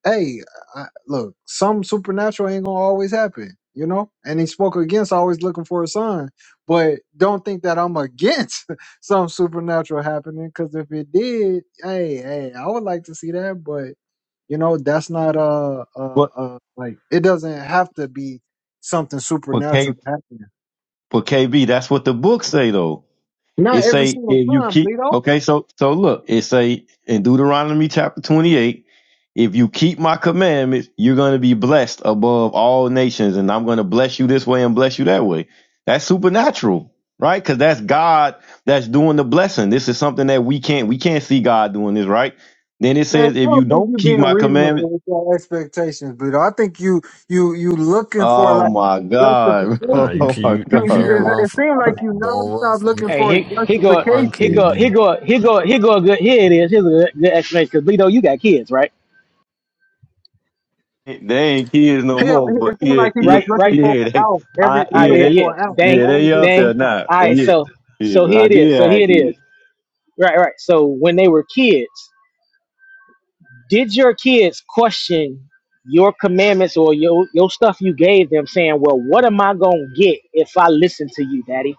hey, I, look, some supernatural ain't gonna always happen, you know. And he spoke against always looking for a sign, but don't think that I'm against some supernatural happening because if it did, hey, hey, I would like to see that, but you know, that's not uh uh, What, uh like it doesn't have to be something what K, supernatural to happen. what KB, that's what the book say though Not It every say single if you time, keep Bleedo. okay, so so look, it say in Deuteronomy chapter twenty eight, if you keep my commandments, you're gonna be blessed above all nations, and I'm gonna bless you this way and bless you that way. That's supernatural, right? Because that's God that's doing the blessing. This is something that we can't we can't see God doing this, right? Then it Man, I says if don't you think don't you keep being my reasonable commandments, with your expectations, Buddha. I think you you you looking for oh like my God, Nah, you justification. oh can my you, you You, you God, can't it, bro. run. it F- seems like you never don't run stop from looking that. Hey, for a he he Don't go run, he go justification. he KB. go he go he go a good. Here it is. Here's a good, good explanation. Cause Bleedo, you got kids, right? They ain't kids no Hell, more, it but it seems yeah, like he's yeah, just Right, looking right. for yeah, an they, out. I, Every All he's right, yeah, yeah, looking they, yeah. for an out. yeah, Dang, Always they looking up for dang. there an out. now. All But right, yeah, so yeah, so but here I it did is. So here have it is. kids. Right, right. So when they were kids, did your kids question your commandments or your your stuff you gave them, saying, "Well, what am I gonna get if I listen to you, Daddy?"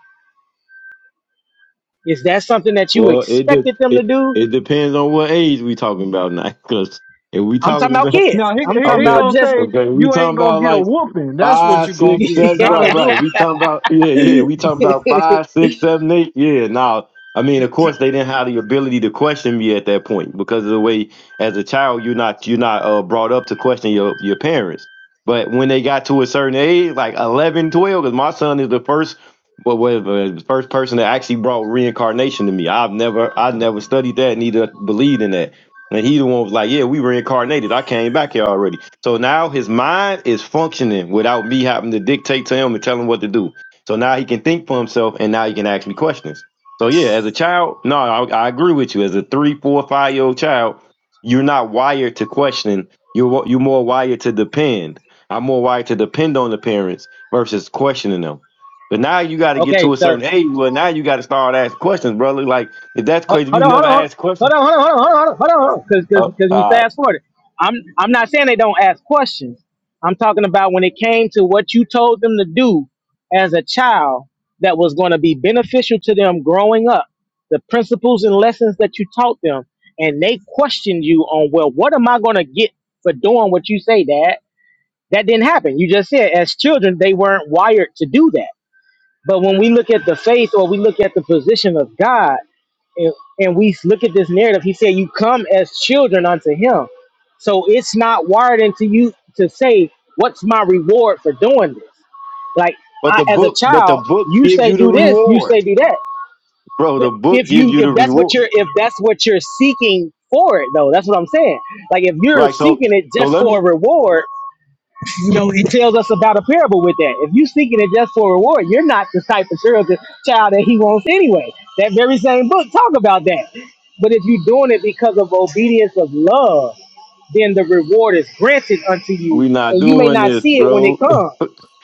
Is that something that you Well, it de- expected them to it, do? it depends on what age we talking about now. Because if we I'm talking talking about about kids. Now he, I'm talking he he Okay, about gonna just say okay. We you talking ain't about gonna get a like whooping. That's what five, you gonna six, get, seven. not Right, a right. whooping. We talking about yeah, yeah. We talking about five, six, seven, eight. Yeah. Now, I mean, of course, they didn't have the ability to question me at that point because of the way, as a child, you're not you're not uh, brought up to question your your parents. But when they got to a certain age, like 11, 12, because my son is the first, well, whatever, the first person that actually brought reincarnation to me. I've never, I never studied that, neither believed in that and he the one was like, "Yeah, we reincarnated. I came back here already." So now his mind is functioning without me having to dictate to him and tell him what to do. So now he can think for himself, and now he can ask me questions. So yeah, as a child, no, I, I agree with you. As a three, four, five year old child, you're not wired to question. You're you're more wired to depend. I'm more wired to depend on the parents versus questioning them. But now you got to get okay. to a So certain age. Well, now you got to start asking questions, brother. Like if that's ho- crazy, if hold you on, hold never on, ask hold questions. on, hold on, hold on, hold on, hold on, hold on, because Oh, because we all right. fast forwarded. I'm I'm not saying they don't ask questions. I'm talking about when it came to what you told them to do as a child that was going to be beneficial to them growing up, the principles and lessons that you taught them, and they questioned you on well, what am I going to get for doing what you say, Dad? That didn't happen. You just said as children, they weren't wired to do that. But when we look at the faith or we look at the position of God and, and we look at this narrative, he said, You come as children unto him. So it's not wired into you to say, What's my reward for doing this? Like But I, the as a book, but the child, book you gives say you the do this, you say reward, do that. bro. The book If gives you you if the that's what reward, you're if that's what you're seeking for it though, that's what I'm saying. Like if you're right? So, seeking it so just let for a me. reward, you know, he tells us about a parable with that. If you are seeking it just for reward, you're not the type of child that, child that he wants anyway. That very same book talk about that. But if you're doing it because of obedience of love, then the reward is granted unto you, we not and you may doing not this, see it when it bro. comes.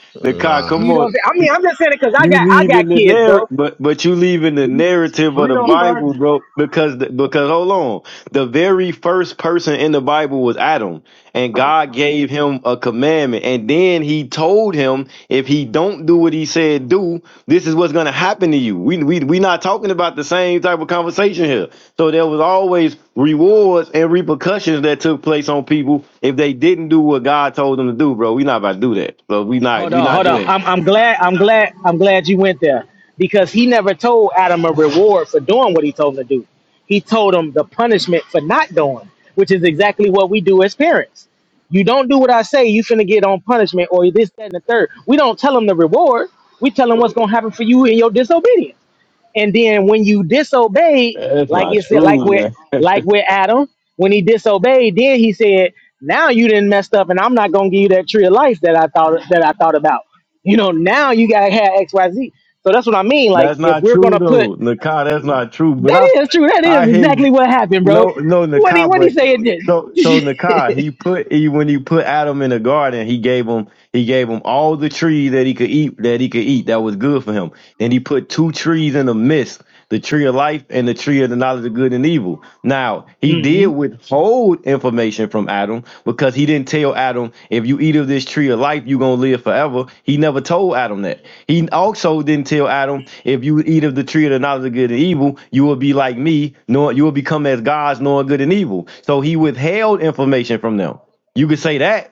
Nakai, Nah, come You know, what on. I'm saying? I mean, I'm just saying it because I You got I leaving got the kids, bro. narrative, but but you leaving the We, narrative of we the don't start. Bible, bro. Because the, because hold on, the very first person in the Bible was Adam, and God gave him a commandment, and then He told him if he don't do what He said do, this is what's gonna happen to you. We we we not talking about the same type of conversation here. So there was always rewards and repercussions that took place on people if they didn't do what God told them to do, bro. We not about to do that, so we not Hold we on, not hold on. doing. it. I'm I'm glad I'm glad I'm glad you went there because he never told Adam a reward for doing what he told him to do. He told him the punishment for not doing, which is exactly what we do as parents. You don't do what I say, you finna get on punishment or this, that, and the third. We don't tell him the reward. We tell him what's gonna happen for you in your disobedience. And then when you disobeyed, That's like you not said, like with true, man. like with Adam, when he disobeyed, then he said, "Now you didn't messed up, and I'm not gonna give you that tree of life that I thought that I thought about." You know, now you gotta have X, Y, Z. So that's what I mean. Like That's if not we're true gonna put though, Nakai. That's not true. But I, that is true. That I is hear you. exactly what happened, bro. No, no, What he Nakai. what he But say it did. so, so Nakai. He put he when he put Adam in the garden, he gave him He gave him all the trees that he could eat, that he could eat, that was good for him. Then he put two trees in the midst, the tree of life and the tree of the knowledge of good and evil. Now, he did hmm withhold information from Adam because he didn't tell Adam, if you eat of this tree of life, you're going to live forever. He never told Adam that. He also didn't tell Adam, if you eat of the tree of the knowledge of good and evil, you will be like me, knowing, you will become as gods, knowing good and evil. So he withheld information from them. You could say that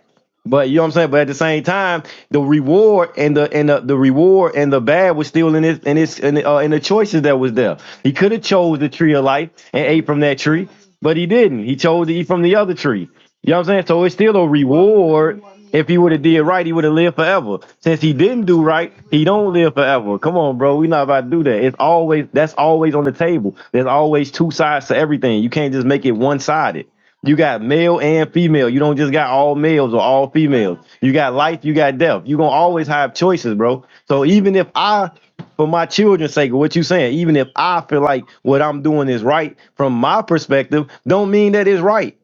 but you know what I'm saying. But at the same time, the reward and the and the, the reward and the bad was still in his in his in the, uh, in the choices that was there. He could have chose the tree of life and ate from that tree, but he didn't. He chose to eat from the other tree. You know what I'm saying. So it's still a reward. If he would have did right, he would have lived forever. Since he didn't do right, he don't live forever. Come on, bro. We not about to do that. It's always that's always on the table. There's always two sides to everything. You can't just make it one sided. You got male and female. You don't just got all males or all females. You got life, you got death. you gonna always have choices, bro. So even if I, for my children's sake, what you saying, even if I feel like what I'm doing is right from my perspective, don't mean that it's right.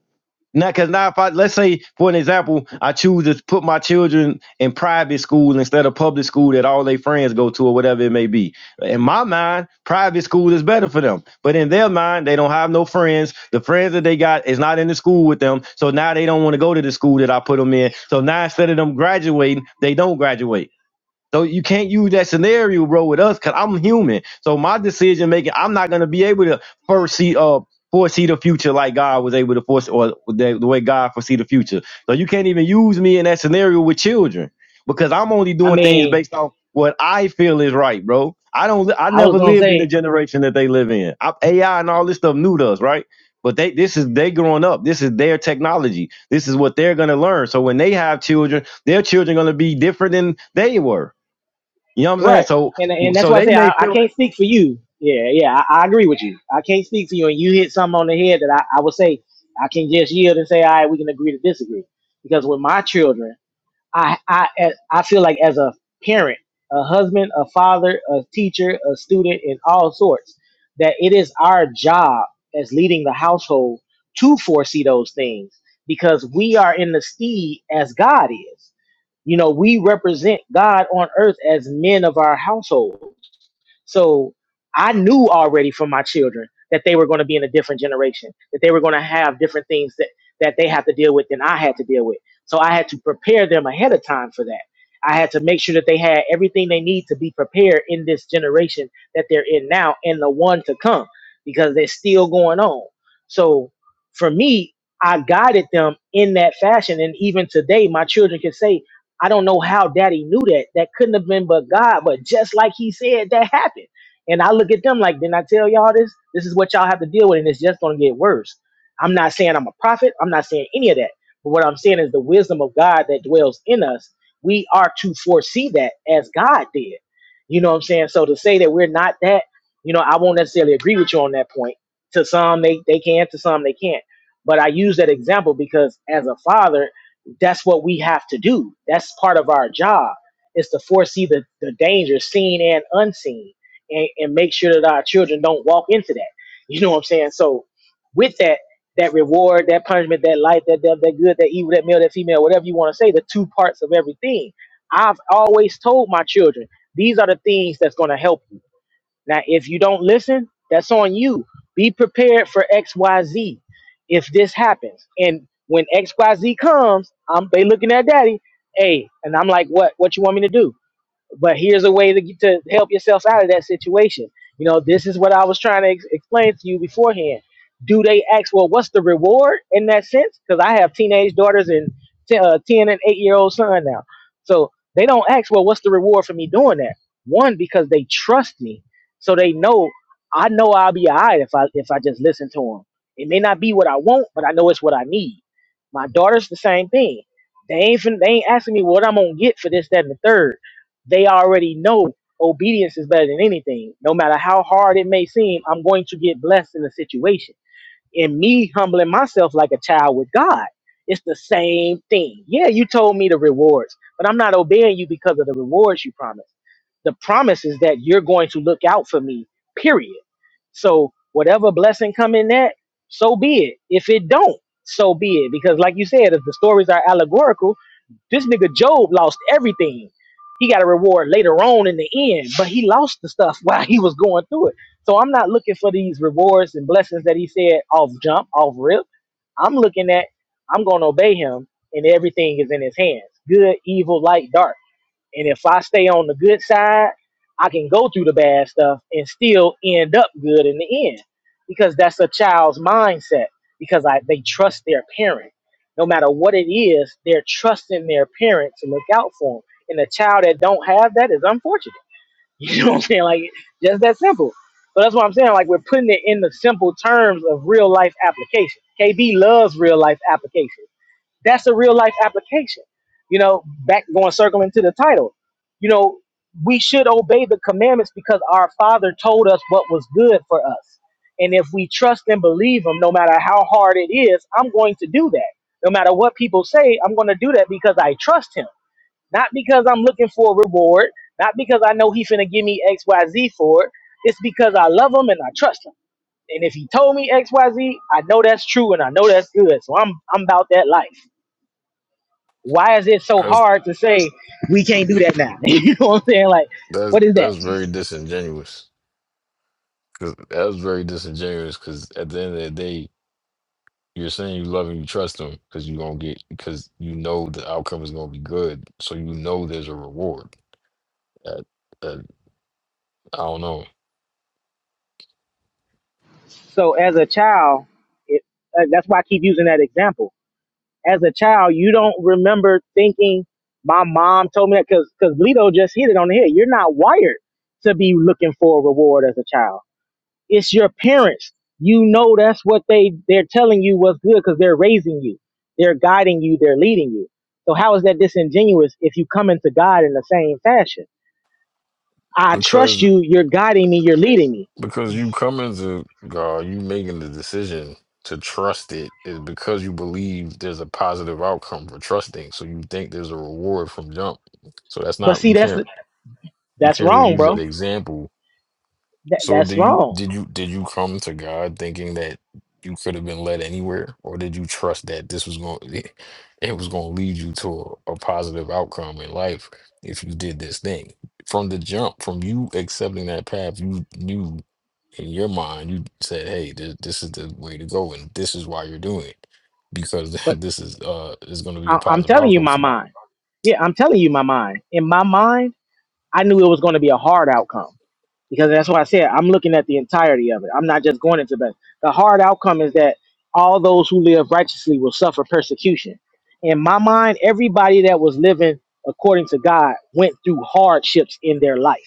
Now, because now, if I let's say, for an example, I choose to put my children in private school instead of public school that all their friends go to or whatever it may be. In my mind, private school is better for them, but in their mind, they don't have no friends. The friends that they got is not in the school with them, so now they don't want to go to the school that I put them in. So now, instead of them graduating, they don't graduate. So you can't use that scenario, bro, with us, cause I'm human. So my decision making, I'm not gonna be able to foresee uh foresee the future like God was able to foresee or the, the way God foresee the future. So you can't even use me in that scenario with children because I'm only I doing things mean, based off what I feel is right, bro. I don't. li- I I was never gonna lived in say the generation that they live in. I, AI and all this stuff new to us, right? But they, this is they growing up. This is their technology. This is what they're gonna learn. So when they have children, their children gonna be different than they were. You know what I'm saying? Right. So And and that's so why I they say may I, I feel can't speak for you. Yeah, yeah, I, I agree with you. I can't speak for you, and you hit something on the head that I, I would say I can just yield and say, all right, we can agree to disagree. Because with my children, I I as- I feel like as a parent, a husband, a father, a teacher, a student, and all sorts, that it is our job as leading the household to foresee those things because we are in the steed as God is. You know, we represent God on earth as men of our household. So I knew already from my children that they were going to be in a different generation, that they were going to have different things that, that they have to deal with than I had to deal with. So I had to prepare them ahead of time for that. I had to make sure that they had everything they need to be prepared in this generation that they're in now and the one to come because they're still going on. So for me, I guided them in that fashion. And even today, my children can say I don't know how daddy knew that. That couldn't have been but God. But just like he said, that happened. And I look at them like, didn't I tell y'all this? This is what y'all have to deal with, and it's just going to get worse. I'm not saying I'm a prophet. I'm not saying any of that. But what I'm saying is the wisdom of God that dwells in us, we are to foresee that as God did. You know what I'm saying? So to say that we're not that, you know, I won't necessarily agree with you on that point. To some, they, they can, to some, they can't. But I use that example because as a father, that's what we have to do. That's part of our job is to foresee the, the danger seen and unseen and, and make sure that our children don't walk into that. You know what I'm saying? So with that, that reward, that punishment, that light, that death, that good, that evil, that male, that female, whatever you want to say, the two parts of everything. I've always told my children, these are the things that's going to help you. Now, if you don't listen, that's on you. Be prepared for XYZ if this happens. And when XYZ comes, I'm they looking at daddy, hey, and I'm like, what what you want me to do? but here's a way to, get- to help yourselves out of that situation. You know, this is what I was trying to ex- explain to you beforehand. Do they ask, well, what's the reward in that sense? Because I have teenage daughters and t- uh, 10 and 8 year old son now. So they don't ask, well, what's the reward for me doing that? One, because they trust me. So they know, I know I'll be all right if I, if I just listen to them. It may not be what I want, but I know it's what I need. My daughter's the same thing. They ain't, fin- they ain't asking me what I'm going to get for this, that, and the third they already know obedience is better than anything. No matter how hard it may seem, I'm going to get blessed in the situation. And me humbling myself like a child with God, it's the same thing. Yeah, you told me the rewards, but I'm not obeying you because of the rewards you promised. The promise is that you're going to look out for me, period. So whatever blessing come in that, so be it. If it don't, so be it. Because like you said, if the stories are allegorical, this nigga Job lost everything. He got a reward later on in the end, but he lost the stuff while he was going through it. So I'm not looking for these rewards and blessings that he said off jump, off rip. I'm looking at I'm gonna obey him and everything is in his hands. Good, evil, light, dark. And if I stay on the good side, I can go through the bad stuff and still end up good in the end. Because that's a child's mindset. Because I they trust their parent. No matter what it is, they're trusting their parent to look out for them. And a child that don't have that is unfortunate. You know what I'm saying? Like just that simple. So that's what I'm saying. Like we're putting it in the simple terms of real life application. KB loves real life application. That's a real life application. You know, back going circling to the title. You know, we should obey the commandments because our Father told us what was good for us. And if we trust and believe Him, no matter how hard it is, I'm going to do that. No matter what people say, I'm going to do that because I trust Him, not because I'm looking for a reward, not because I know He's finna give me X Y Z for it. It's because I love Him and I trust Him. And if He told me X Y Z, I know that's true and I know that's good. So I'm I'm about that life why is it so that's hard to say you know what I'm saying? Like, that's what is that? that's very disingenuous. 'Cause that's very disingenuous. Because at the end of the day, You're saying you love him, you trust him, because you're gonna get because you know the outcome is gonna be good. So you know there's a reward. That, that, I don't know. So as a child, it, uh, that's why I keep using that example. As a child, you don't remember thinking my mom told me that because because Bleedo just hit it on the head. You're not wired to be looking for a reward as a child. It's your parents. You know that's what they they're telling you what's good because they're raising you, they're guiding you, they're leading you. So how is that disingenuous if you come into God in the same fashion? I trust Because you. You're guiding me. You're leading me. because you coming to God, you making the decision to trust it is because you believe there's a positive outcome for trusting. So you think there's a reward from jump. So that's But not see, you that's can't you that's can't really wrong, use that bro. example That, So that's do you wrong. did you did you come to God thinking that you could have been led anywhere, or did you trust that this was going it, it was going to lead you to a, a positive outcome in life if you did this thing from the jump, from you accepting that path, you knew in your mind you said, "Hey, this, this is the way to go, and this is why you're doing it." Because But this is uh is going to be a I, I'm positive telling you outcome my for you, mind. Yeah, I'm telling you my mind. In my mind, I knew it was going to be a hard outcome because that's what I said. I'm looking at the entirety of it. I'm not just going into that. The hard outcome is that all those who live righteously will suffer persecution. In my mind, everybody that was living according to God went through hardships in their life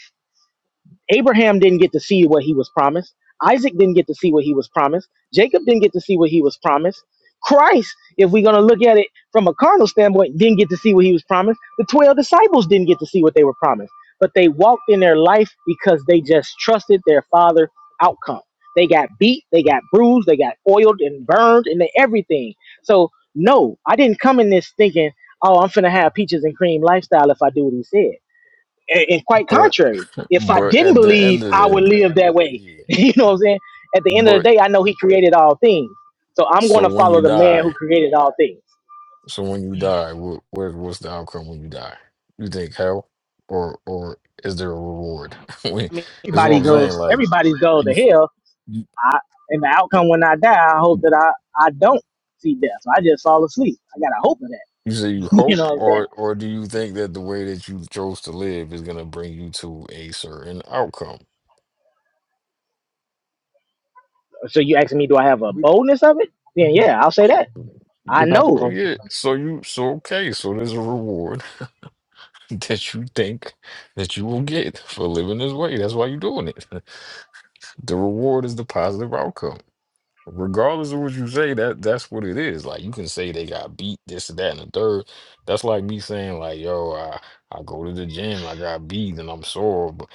Abraham didn't get to see what he was promised. Isaac didn't get to see what he was promised. Jacob didn't get to see what he was promised. Christ, if we're going to look at it from a carnal standpoint, didn't get to see what he was promised. The 12 disciples didn't get to see what they were promised, but they walked in their life because they just trusted their father outcome. They got beat, they got bruised, they got oiled and burned and they- everything. So, no, I didn't come in this thinking, oh, I'm going to have peaches and cream lifestyle if I do what he said and, and quite but contrary. If I but didn't at the end believe, of I would the live that way. yeah, you know what I'm saying? At the end of the but day, I know He created all things, so I'm so going to when you follow the man die. who created all things. So when you die, what, what what's the outcome when you die? You think hell, or or is there a reward? when, I mean, this is what everybody I'm saying. goes, Like everybody goes you, to s- hell, you I, and the outcome when I die, I hope that I I don't see death. So I just fall asleep. I got a hope of that. you say you you hope, know what I'm or or do you saying? think that the way that you chose to live is gonna bring you to a certain outcome? So you asking me, do I have a We about, boldness of it? Then to, yeah, I'll say that. we I about to Well, know. close. it. yeah. So you so okay. So there's a reward that you think that you will get for living this way. That's why you're doing it. The reward is the positive outcome. Regardless of what you say, that that's what it is. Like you can say they got beat, this and that, and the third. That's like me saying, like, yo, I, I go to the gym, I got beat, and I'm sore. But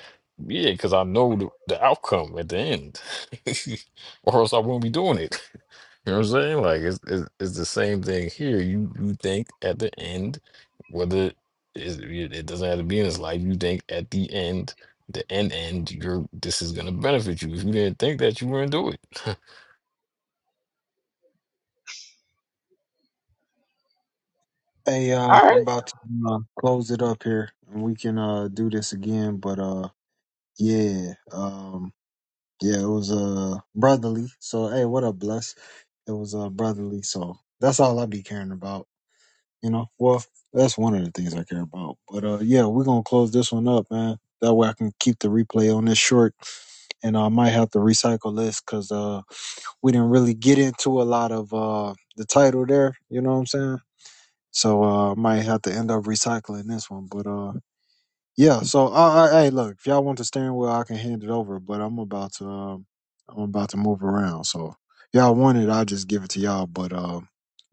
yeah, because I know the, the outcome at the end. Or else I won't be doing it. You know what I'm saying? Like it's, it's it's the same thing here. You you think at the end, whether it's, it it doesn't have to be in his life, you think at the end, the end end, you're this is gonna benefit you. If you didn't think that, you wouldn't do it. Hey, uh, All right. I'm about to uh, close it up here, and we can uh do this again. But uh, yeah, um, yeah, it was uh brotherly. So hey, what a bless. It was uh brotherly. So that's all I be caring about. You know, well, that's one of the things I care about. But uh, yeah, we're gonna close this one up, man. That way I can keep the replay on this short, and I might have to recycle this because uh, we didn't really get into a lot of uh the title there. You know what I'm saying? So uh might have to end up recycling this one. But uh yeah, so uh, uh, hey look, if y'all want the steering wheel I can hand it over, but I'm about to um I'm about to move around. So y'all want it, I'll just give it to y'all. But uh,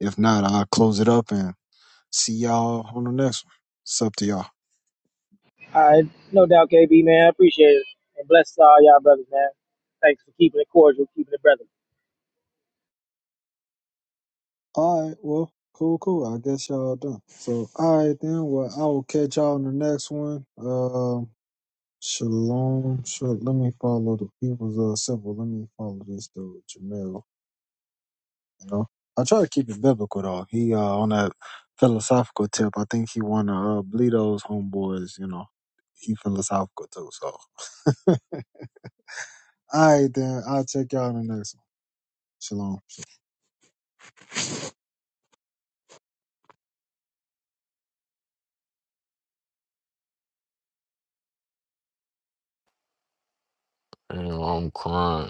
if not, I'll close it up and see y'all on the next one. It's up to y'all. All right, no doubt, KB man, I appreciate it, and bless all y'all brothers, man. Thanks for keeping it cordial, keeping it brother. All right, well, cool, cool. I guess y'all done. So, all right then. Well, I will catch y'all in the next one. Um, shalom. Shalom. Let me follow the people's uh symbol. Let me follow this dude, Jamil. You know, I try to keep it biblical though. He uh on that philosophical tip. I think he wanna uh bleed those homeboys. You know, he philosophical too. So, all right then. I'll check y'all in the next one. Shalom. Damn, I'm crying.